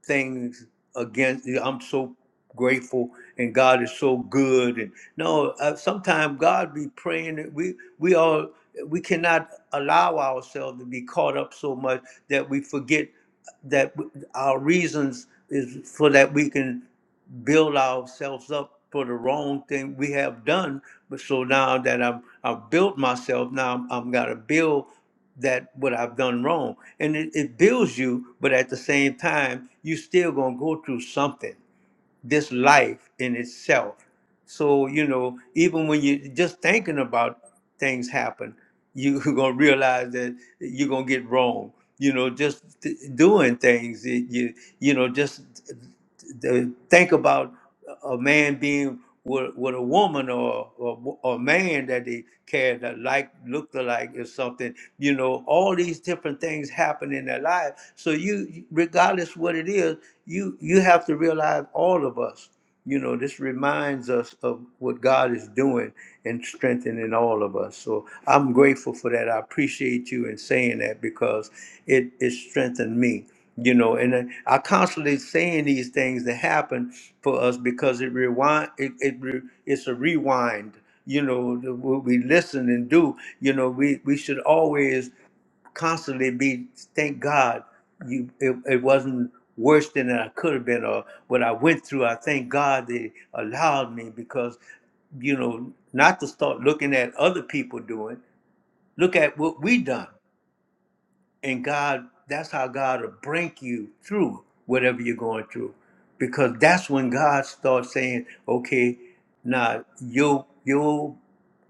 A: things against. I'm so grateful, and God is so good, and no, uh, sometimes God be praying that we we all we cannot allow ourselves to be caught up so much that we forget that w- our reasons is for that we can build ourselves up for the wrong thing we have done. But so now that I've, I've built myself, now I'm, I'm got to build that what I've done wrong. And it, it builds you, but at the same time, you still going to go through something. This life in itself. So, you know, even when you just thinking about things happen, you're going to realize that you're going to get wrong. You know, just th- doing things, it, you, you know, just th- th- think about a man being with, with a woman or, or a man that they cared that like looked alike or something you know all these different things happen in their life so you regardless what it is you you have to realize all of us you know, this reminds us of what God is doing and strengthening all of us. So I'm grateful for that. I appreciate you in saying that because it, it strengthened me, you know, and I I constantly saying these things that happen for us because it rewind, it, it re, it's a rewind, you know, the- what we listen and do, you know, we, we should always constantly be thank God you it, it wasn't worse than I could have been or what I went through. I thank God they allowed me because you know not to start looking at other people doing. Look at what we done, and God that's how God will bring you through whatever you're going through, because that's when God starts saying, okay, now your your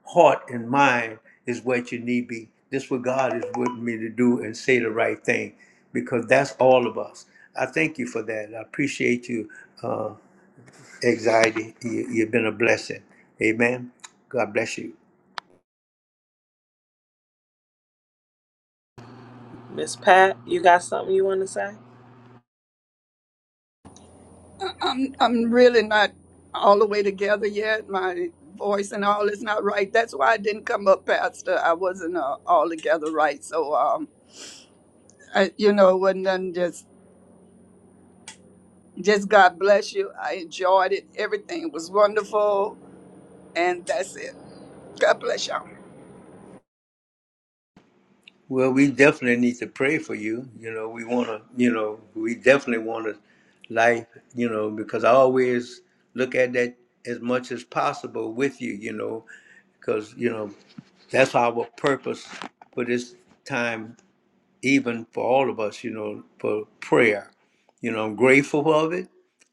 A: heart and mind is what you need be. This what God is wanting me to do and say the right thing, because that's all of us. I thank you for that. I appreciate you, uh, anxiety. You, you've been a blessing. Amen. God bless you.
C: Miss Pat, you got something you want to say?
D: I'm, I'm really not all the way together yet. My voice and all is not right. That's why I didn't come up, Pastor. I wasn't uh, all together right. So, um, I, you know, it wasn't nothing just, just God bless you. I enjoyed it. Everything was wonderful. And that's it. God bless y'all.
A: Well, we definitely need to pray for you. You know, we want to, you know, we definitely want to life, you know, because I always look at that as much as possible with you, you know, because, you know, that's our purpose for this time even for all of us, you know, for prayer. You know, I'm grateful of it.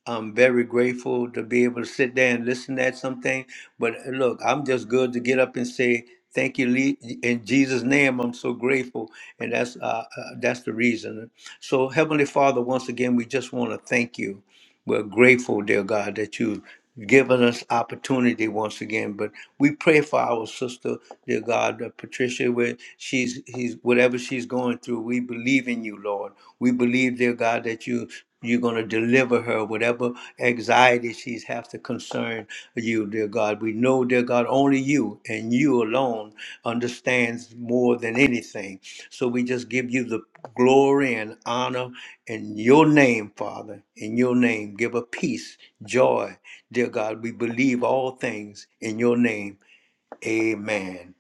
A: I'm very grateful to be able to sit there and listen at something. But uh, look, I'm just good to get up and say thank you Le- in Jesus' name. I'm so grateful, and that's uh, uh, that's the reason. So, Heavenly Father, once again, we just want to thank you. We're grateful, dear God, that you've given us opportunity once again. But we pray for our sister, dear God, uh, Patricia, where she's he's whatever she's going through. We believe in you, Lord. We believe, dear God, that you you're going to deliver her whatever anxiety she's have to concern concern you, dear God. We know, dear God, only you and you alone understands more than anything. So we just give you the glory and honor in your name, Father. In your name, give a peace, joy, dear God. We believe all things in your name. Amen.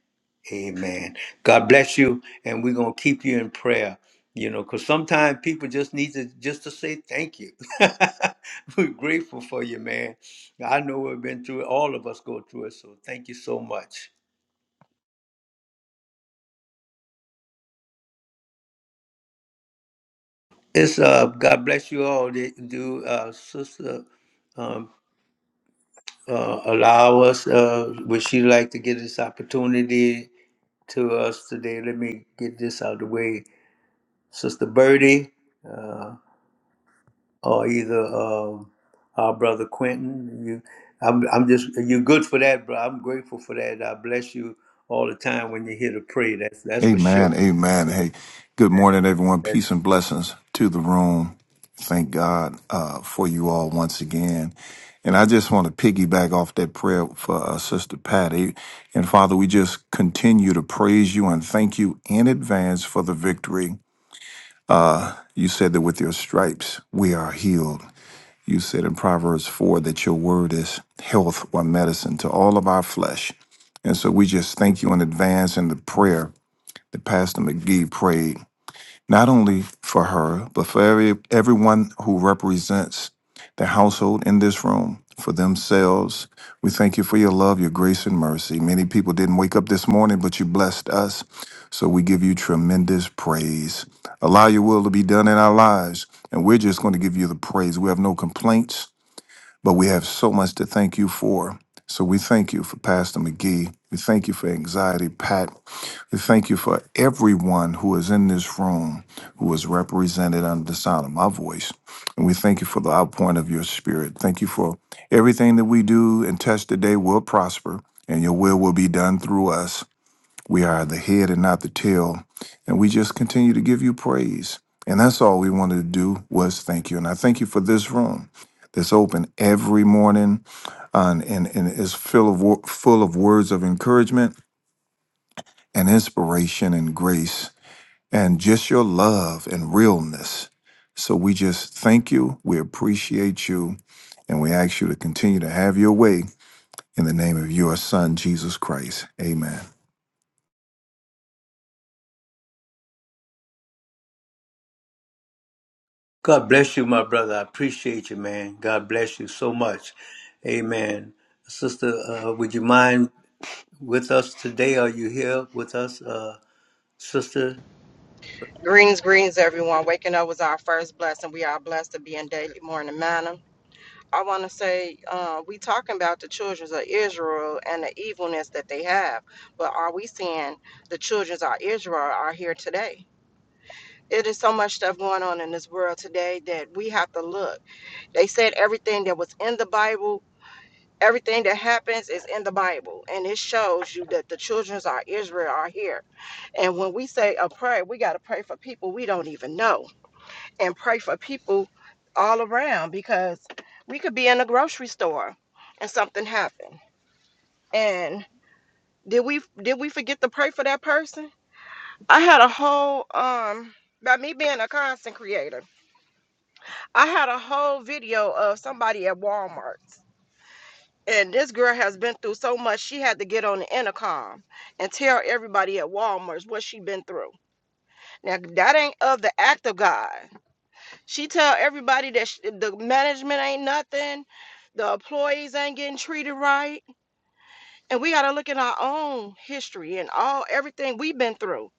A: Amen. God bless you, and we're gonna keep you in prayer. You know, because sometimes people just need to just to say thank you. we're grateful for you, man. I know we've been through it. All of us go through it, so thank you so much. It's uh, God bless you all. They do uh, sister um, uh, allow us? Uh, would she like to get this opportunity to us today? Let me get this out of the way, Sister Birdie. uh, or either um, our brother Quentin. You, I'm, I'm just you're good for that, bro. I'm grateful for that. I bless you all the time when you're here to pray. That's that's for
E: Amen.
A: sure.
E: Amen.
A: So
E: Hey, good morning, everyone. Peace and blessings to the room. Thank God uh, for you all once again. And I just want to piggyback off that prayer for uh, Sister Patty. And Father, we just continue to praise you and thank you in advance for the victory. You said that with your stripes we are healed. You said in Proverbs 4 that your word is health or medicine to all of our flesh. And so we just thank you in advance in the prayer that Pastor McGee prayed not only for her, but for every, everyone who represents the household in this room, for themselves. We thank you for your love, your grace, and mercy. Many people didn't wake up this morning, but you blessed us. So we give you tremendous praise. Allow your will to be done in our lives, and we're just going to give you the praise. We have no complaints. But we have so much to thank you for. So we thank you for Pastor McGee. We thank you for Anxiety Pat. We thank you for everyone who is in this room who is represented under the sound of my voice. And we thank you for the outpouring of your spirit. Thank you for everything that we do and touch today will prosper and your will will be done through us. We are the head and not the tail. And we just continue to give you praise. And that's all we wanted to do was thank you. And I thank you for this room that's open every morning and, and, and is full of, wo- full of words of encouragement and inspiration and grace and just your love and realness. So we just thank you. We appreciate you. And we ask you to continue to have your way in the name of your son, Jesus Christ. Amen.
A: God bless you, my brother. I appreciate you, man. God bless you so much. Amen. Sister, uh, would you mind with us today? Are you here with us, uh, sister?
F: Greens, greens, everyone. Waking up was our first blessing. We are blessed to be in daily morning manner. I want to say uh, we talking about the children of Israel and the evilness that they have, but are we seeing the children of Israel are here today? It is so much stuff going on in this world today that we have to look. They said everything that was in the Bible, everything that happens is in the Bible, and it shows you that the children of Israel are here. And when we say a prayer, we got to pray for people we don't even know and pray for people all around because we could be in a grocery store and something happened. And did we did we forget to pray for that person? I had a whole um by me being a content creator, I had a whole video of somebody at Walmart. And this girl has been through so much, she had to get on the intercom and tell everybody at Walmart what she been through. Now that ain't of the act of God. She tell everybody that sh the management ain't nothing, the employees ain't getting treated right, and we got to look at our own history and all everything we've been through.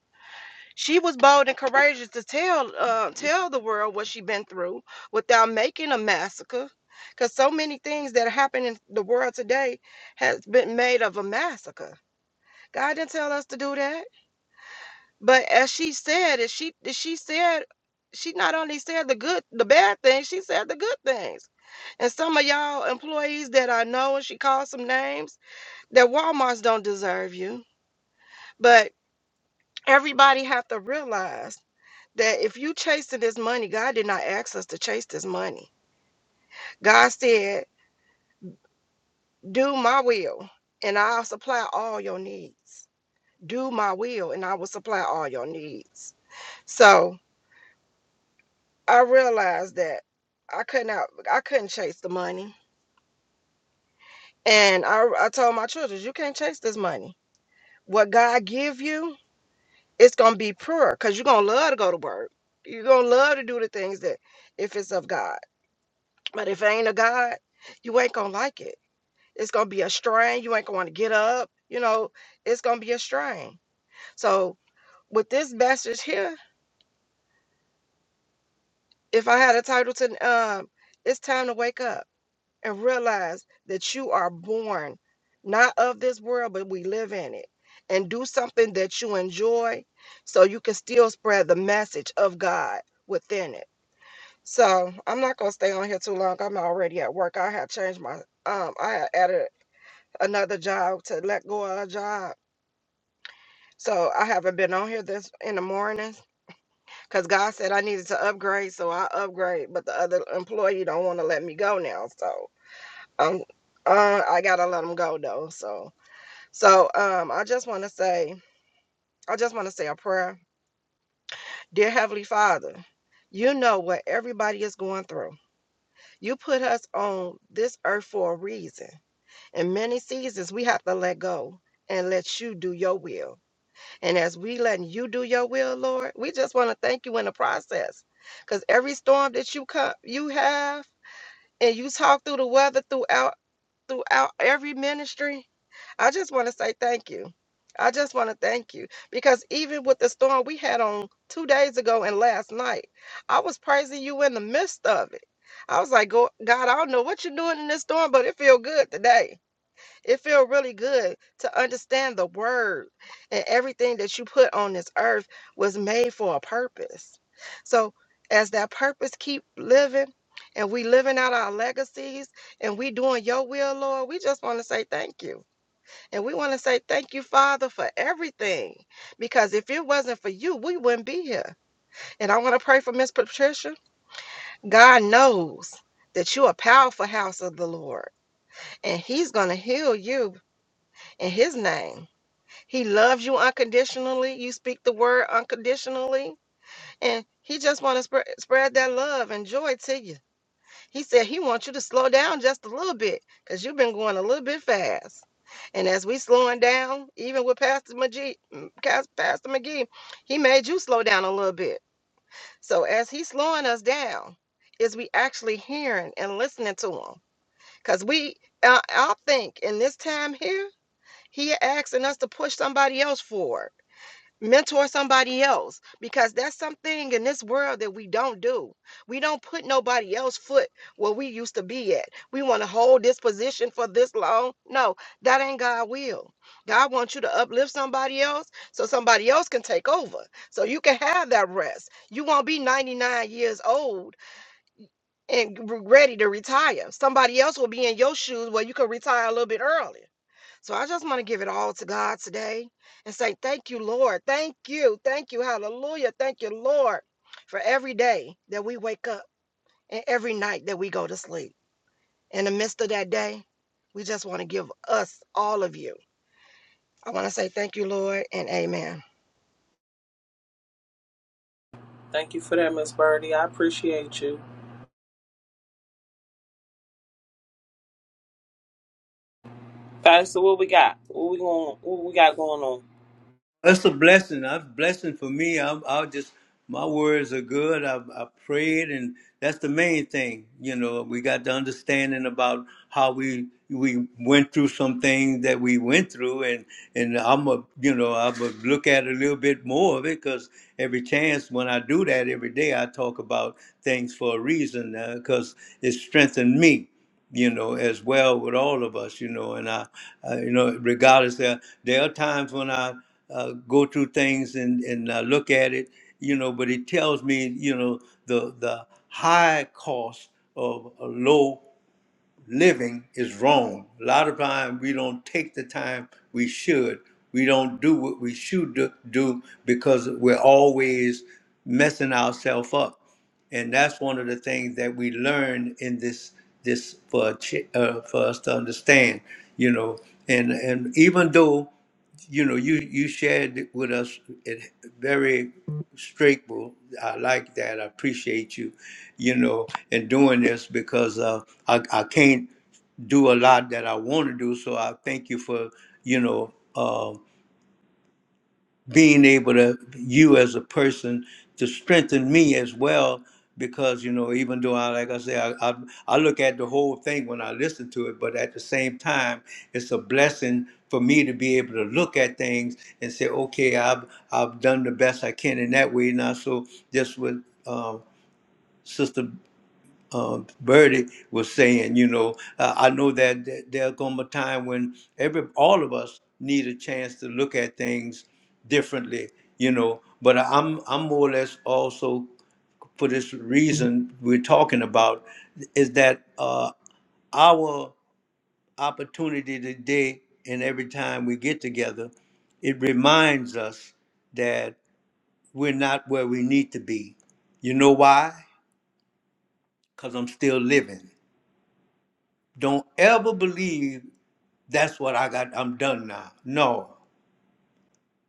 F: She was bold and courageous to tell uh, tell the world what she been through without making a massacre, because so many things that happen in the world today has been made of a massacre. God didn't tell us to do that, but as she said, as she as she said. She not only said the good, the bad things, she said the good things And some of y'all employees that I know, and she called some names, that Walmarts don't deserve you. But everybody have to realize that if you chasing this money, God did not ask us to chase this money. God said, do my will, and I'll supply all your needs. Do my will, and I will supply all your needs. So I realized that I could not, I couldn't chase the money. And I, I told my children, you can't chase this money. What God give you, it's gonna be pure because you're gonna love to go to work. You're gonna love to do the things that if it's of God. But if it ain't of God, you ain't gonna like it. It's gonna be a strain. You ain't gonna want to get up. You know, it's gonna be a strain. So with this message here, if I had a title to um, it's time to wake up and realize that you are born not of this world, but we live in it. And do something that you enjoy so you can still spread the message of God within it So I'm not gonna stay on here too long. I'm already at work. I had changed my um I had added another job to let go of a job. So I haven't been on here this in the mornings because God said I needed to upgrade, so I upgrade, but the other employee don't want to let me go now. So um uh I gotta let them go though. So so um I just wanna say I just wanna say a prayer. Dear Heavenly Father, you know what everybody is going through. You put us on this earth for a reason. In many seasons, we have to let go and let you do your will. And as we letting you do your will, Lord, we just want to thank you in the process. Because every storm that you come, you have, and you talk through the weather throughout throughout every ministry. I just want to say thank you. I just want to thank you because even with the storm we had on two days ago and last night, I was praising you in the midst of it. I was like, "Go- God, I don't know what you're doing in this storm, but it feel good today. It feels really good to understand the word and everything that you put on this earth was made for a purpose. So as that purpose keep living and we living out our legacies and we doing your will, Lord, we just want to say thank you. And we want to say thank you, Father, for everything. Because if it wasn't for you, we wouldn't be here. And I want to pray for Miss Patricia. God knows that you're a powerful house of the Lord. And he's going to heal you in his name. He loves you unconditionally. You speak the word unconditionally. And he just want to spread, spread that love and joy to you. He said he wants you to slow down just a little bit because you've been going a little bit fast. And as we slowing down, even with Pastor McGee, mm, Cas- Pastor McGee, he made you slow down a little bit. So as he's slowing us down, is we actually hearing and listening to him? Because we, I, I think in this time here, he asking us to push somebody else forward mentor somebody else because that's something in this world that we don't do. We don't put nobody else's foot where we used to be at. We want to hold this position for this long. No, that ain't God will. God wants you to uplift somebody else so somebody else can take over. So you can have that rest. You won't be 99 years old and re- ready to retire. Somebody else will be in your shoes where you can retire a little bit early. So I just want to give it all to God today and say, Thank you, Lord. Thank you. Thank you. Hallelujah. Thank you, Lord, for every day that we wake up and every night that we go to sleep. In the midst of that day, we just want to give us, all of you, I want to say thank you, Lord, and amen.
C: Thank you for that, Miss Birdie. I appreciate you. Pastor, what we got? What we going? What we got going on?
A: That's a blessing. That's a blessing for me. I, I'll just, my words are good. I, I prayed, and that's the main thing. You know, we got the understanding about how we we went through some things that we went through, and and I'm a, you know, I'm a look at a little bit more of it because every chance when I do that every day, I talk about things for a reason because it strengthened me you know, as well with all of us, you know, and I, uh, you know, regardless, there there are times when I uh, go through things and and I look at it, you know, but it tells me, you know, the the high cost of a low living is wrong. A lot of time we don't take the time we should. We don't do what we should do do because we're always messing ourselves up, and that's one of the things that we learn in this this for a ch- uh, for us to understand, you know. And and even though you know you you shared with us it very straight, I like that. I appreciate you, you know, and doing this because uh, I, I can't do a lot that I want to do. So I thank you for, you know, uh, being able to you as a person to strengthen me as well because you know even though i like i say I, I i look at the whole thing when i listen to it but at the same time it's a blessing for me to be able to look at things and say okay i've i've done the best i can in that way now so just with um Sister uh, Birdie was saying, you know, uh, I know that th- there'll come a time when every all of us need a chance to look at things differently, you know. But I'm I'm more or less also for this reason we're talking about is that uh, our opportunity today and every time we get together, it reminds us that we're not where we need to be. You know why? Because I'm still living. Don't ever believe that's what I got. I'm done now. No.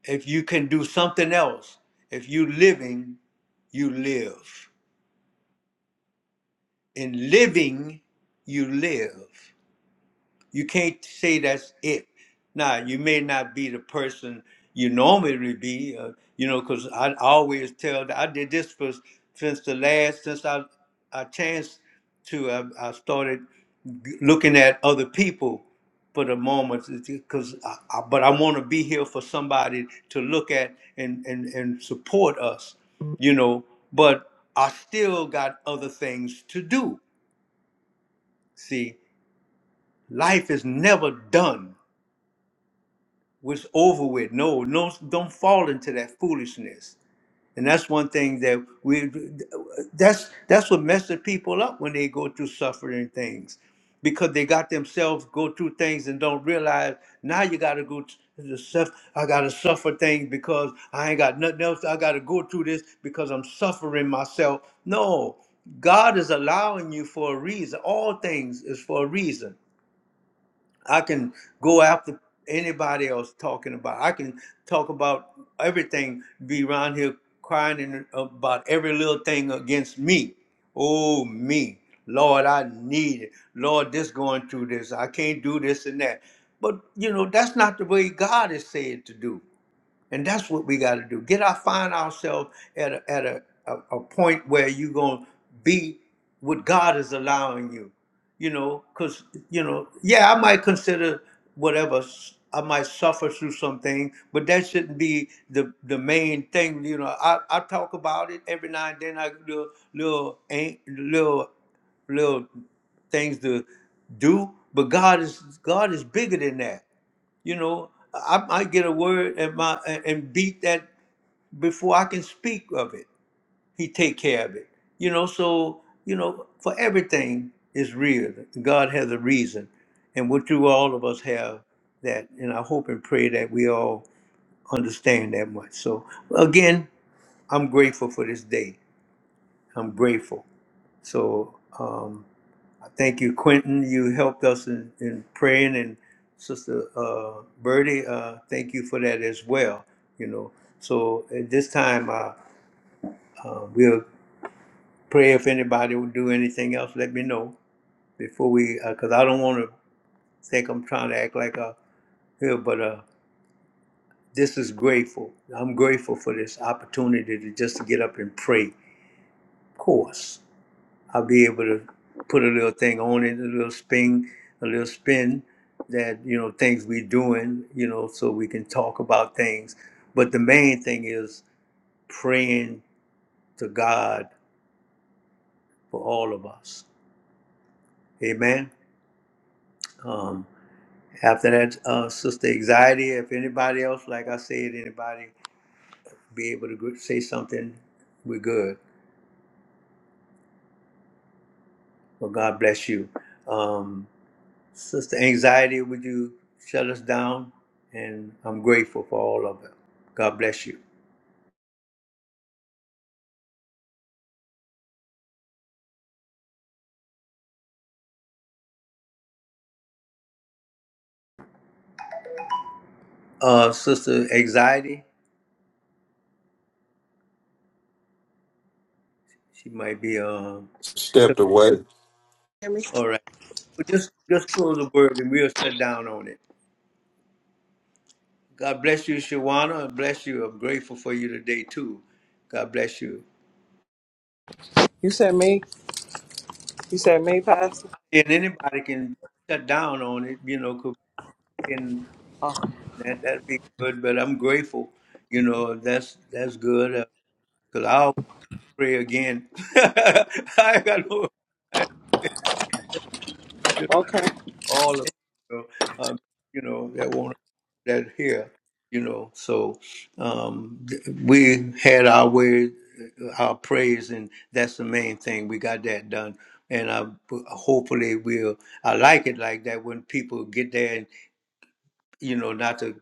A: If you can do something else, if you living, you live. In living, you live. You can't say that's it. Now, you may not be the person you normally would be, uh, you know, because I always tell, I did this for, since the last, since I, I chanced to, I, I started g- looking at other people for the moment, because I, I, but I want to be here for somebody to look at and, and, and support us, you know, but I still got other things to do. See, life is never done was over with. No, no, don't fall into that foolishness. And that's one thing that we that's that's what messes people up when they go through suffering things, because they got themselves go through things and don't realize now you got to go to the stuff. I got to suffer things because I ain't got nothing else. I got to go through this because I'm suffering myself. No, God is allowing you for a reason. All things is for a reason I can go after anybody else talking about. I can talk about everything. Be around here crying in, about every little thing against me. Oh me, Lord, I need it. Lord, this going through this. I can't do this and that. But you know that's not the way God is said to do. And that's what we got to do. Get our find ourselves at a, at a, a, a point where you're going to be what God is allowing you. You know, because, you know, yeah, I might consider whatever, s- I might suffer through something, but that shouldn't be the, the main thing. You know, I, I talk about it every now and then. I do little, little, little, little things to do, but God is God is bigger than that. You know, I might get a word and my and beat that before I can speak of it. He take care of it. You know, so you know, for everything is real. God has a reason, and what you all of us have that, and I hope and pray that we all understand that much. So again, I'm grateful for this day. I'm grateful. So. Um, Thank you, Quentin. You helped us in, in praying, and Sister uh, Birdie, uh, thank you for that as well. You know, so at this time, uh, uh, we'll pray. If anybody will do anything else, let me know before we, because I don't want to think I'm trying to act like a here, but uh, this is grateful. I'm grateful for this opportunity to just to get up and pray. Of course. I'll be able to put a little thing on it, a little spin, a little spin that you know things we doing, you know, so we can talk about things. But the main thing is praying to God for all of us. Amen. Um, after that, uh, Sister Anxiety, if anybody else, like I said, anybody be able to gr- say something, we're good. Well, God bless you. Um, Sister Anxiety, would you shut us down? And I'm grateful for all of it. God bless you. Uh, Sister Anxiety, she might be um.
E: Stepped
A: 'cause-
E: away.
A: All right, Well, just just close the word and we'll shut down on it. God bless you, Shawana. and Bless you. I'm grateful for you today too. God bless you.
C: You said me. You said me, Pastor.
A: And anybody can shut down on it, you know, 'cause we can
C: Oh,
A: that that'd be good. But I'm grateful, you know. That's that's good. Uh 'cause I pray again. I got no, I I just
C: okay.
A: all of you know, um, you know that want that here, you know. So um, th- we had our way, uh, our praise, and that's the main thing. We got that done, and I hopefully we'll. I like it like that when people get there, and you know, not to.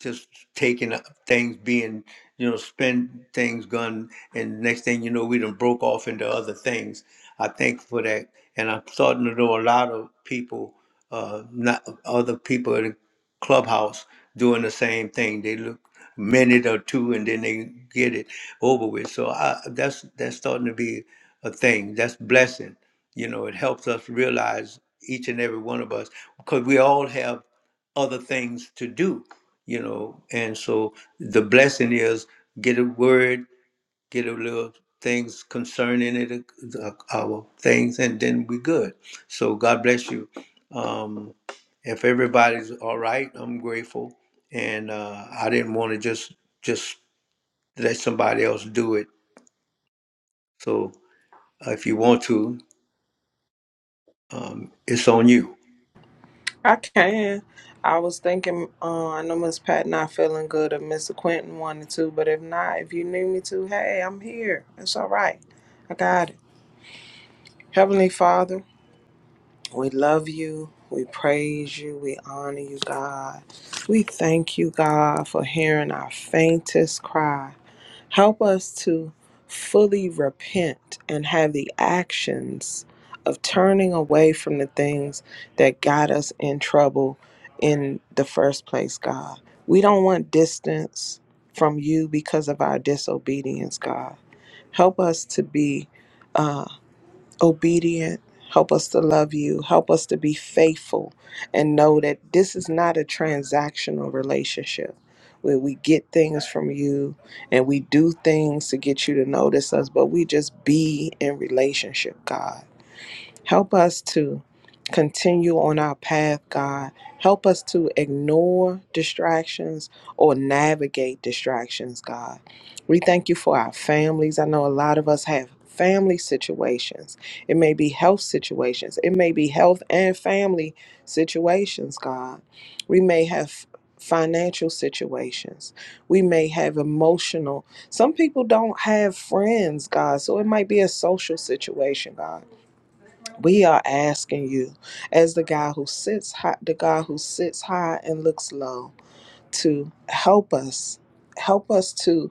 A: just taking things being you know spend things gone and next thing you know we done broke off into other things i thank for that and i'm starting to know a lot of people uh not other people in the clubhouse doing the same thing they look a minute or two and then they get it over with so i that's that's starting to be a thing that's blessing you know it helps us realize each and every one of us because we all have other things to do, you know. And so the blessing is get a word, get a little things concerning it, uh, our things, and then we're good. So God bless you. Um, if everybody's all right, I'm grateful. And uh, I didn't want to just just let somebody else do it. So uh, if you want to, um, it's on you.
C: I can. I was thinking. Uh, I know Miss Pat not feeling good, if Mister Quentin wanted to, but if not, if you need me to, hey, I'm here. It's all right. I got it. Heavenly Father, we love you. We praise you. We honor you, God. We thank you, God, for hearing our faintest cry. Help us to fully repent and have the actions of turning away from the things that got us in trouble in the first place, God. We don't want distance from you because of our disobedience, God. Help us to be. uh, obedient. Help us to love you. Help us to be faithful and know that this is not a transactional relationship where we get things from you and we do things to get you to notice us, but we just be in relationship, God. Help us to continue on our path, God. Help us to ignore distractions or navigate distractions, God. We thank you for our families. I know a lot of us have family situations. It may be health situations. It may be health and family situations, God. We may have financial situations. We may have emotional. Some people don't have friends, God. So it might be a social situation, God. We are asking you, as the God who sits high, the God who sits high and looks low, to help us. Help us to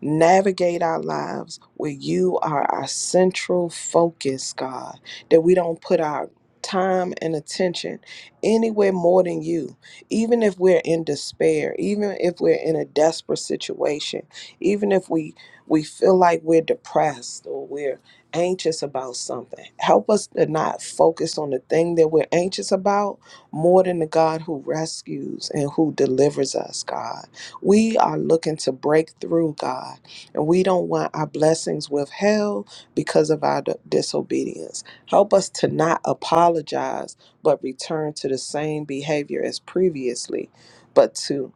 C: navigate our lives where you are our central focus, God, that we don't put our time and attention anywhere more than you. Even if we're in despair, even if we're in a desperate situation, even if we we feel like we're depressed or we're anxious about something. Help us to not focus on the thing that we're anxious about more than the God who rescues and who delivers us, God. We are looking to break through, God, and we don't want our blessings withheld because of our d- disobedience. Help us to not apologize, but return to the same behavior as previously, but to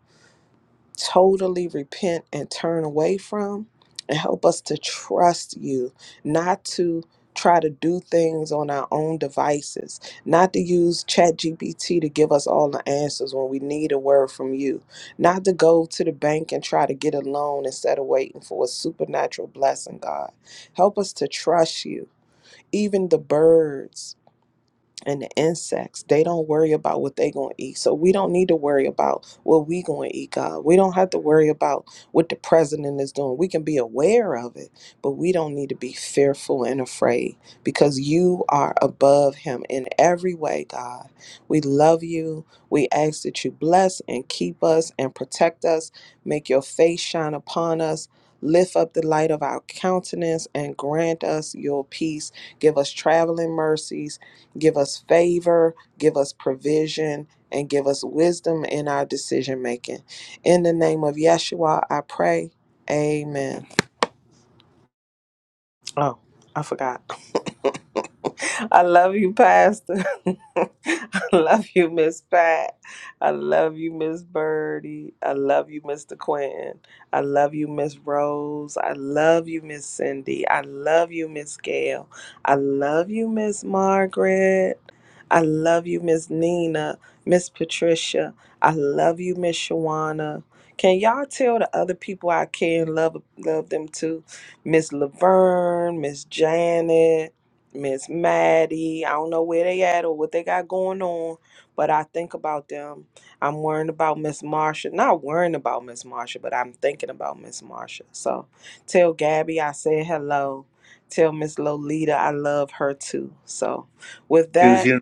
C: totally repent and turn away from and help us to trust you not to try to do things on our own devices not to use ChatGPT to give us all the answers when we need a word from you not to go to the bank and try to get a loan instead of waiting for a supernatural blessing god help us to trust you even the birds and the insects they don't worry about what they going to eat so we don't need to worry about what we going to eat god we don't have to worry about what the president is doing we can be aware of it but we don't need to be fearful and afraid because you are above him in every way god we love you we ask that you bless and keep us and protect us make your face shine upon us Lift up the light of our countenance and grant us your peace. Give us traveling mercies Give us favor, give us provision, and give us wisdom in our decision making. In the name of Yeshua, I pray. Amen. Oh, I forgot. I love you, Pastor. I love you, Miss Pat. I love you, Miss Birdie. I love you, Mr. Quentin. I love you, Miss Rose. I love you, Miss Cindy. I love you, Miss Gail. I love you, Miss Margaret. I love you, Miss Nina. Miss Patricia. I love you, Miss Shawana. Can y'all tell the other people I care and love love them too? Miss Laverne, Miss Janet. Miss Maddie. I don't know where they at or what they got going on, but I think about them. I'm worrying about Miss Marsha. Not worrying about Miss Marsha, but I'm thinking about Miss Marsha. So tell Gabby I said hello. Tell Miss Lolita I love her too. So with that,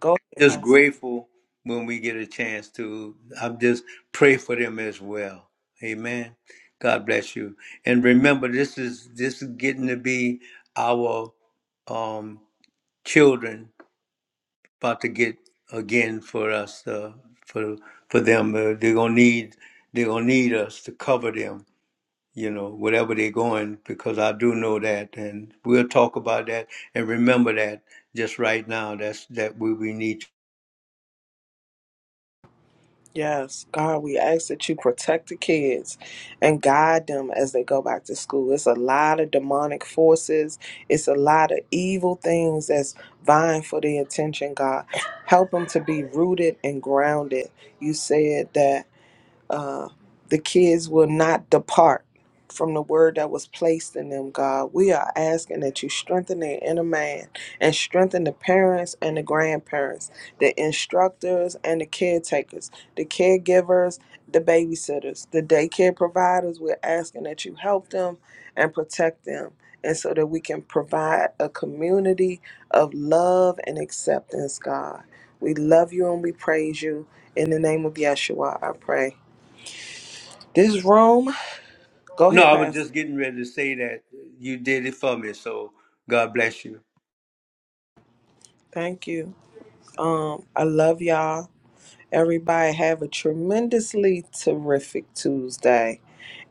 C: go.
A: just grateful when we get a chance to. I just pray for them as well. Amen. God bless you. And remember, this is this is getting to be our um, children about to get again for us uh, for for them. Uh, they're gonna need they're gonna need us to cover them. You know, whatever they're going, because I do know that, and we'll talk about that. And remember that just right now, that's that we, we need
C: Yes, God, we ask that you protect the kids and guide them as they go back to school. It's a lot of demonic forces, it's a lot of evil things that's vying for their attention, God. Help them to be rooted and grounded. You said that. Uh, the kids will not depart from the word that was placed in them, God. We are asking that you strengthen their inner man and strengthen the parents and the grandparents, the instructors and the caretakers, the caregivers, the babysitters, the daycare providers. We're asking that you help them and protect them. And so that we can provide a community of love and acceptance, God. We love you and we praise you. In the name of Yeshua, I pray. This room, go
A: No,
C: ahead,
A: I was
C: Pastor.
A: just getting ready to say that you did it for me, so God bless you.
C: Thank you. Um, I love y'all. Everybody have a tremendously terrific Tuesday.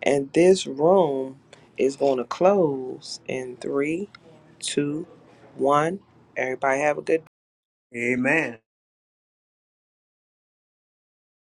C: And this room is going to close in three, two, one. Everybody have a good
A: Amen.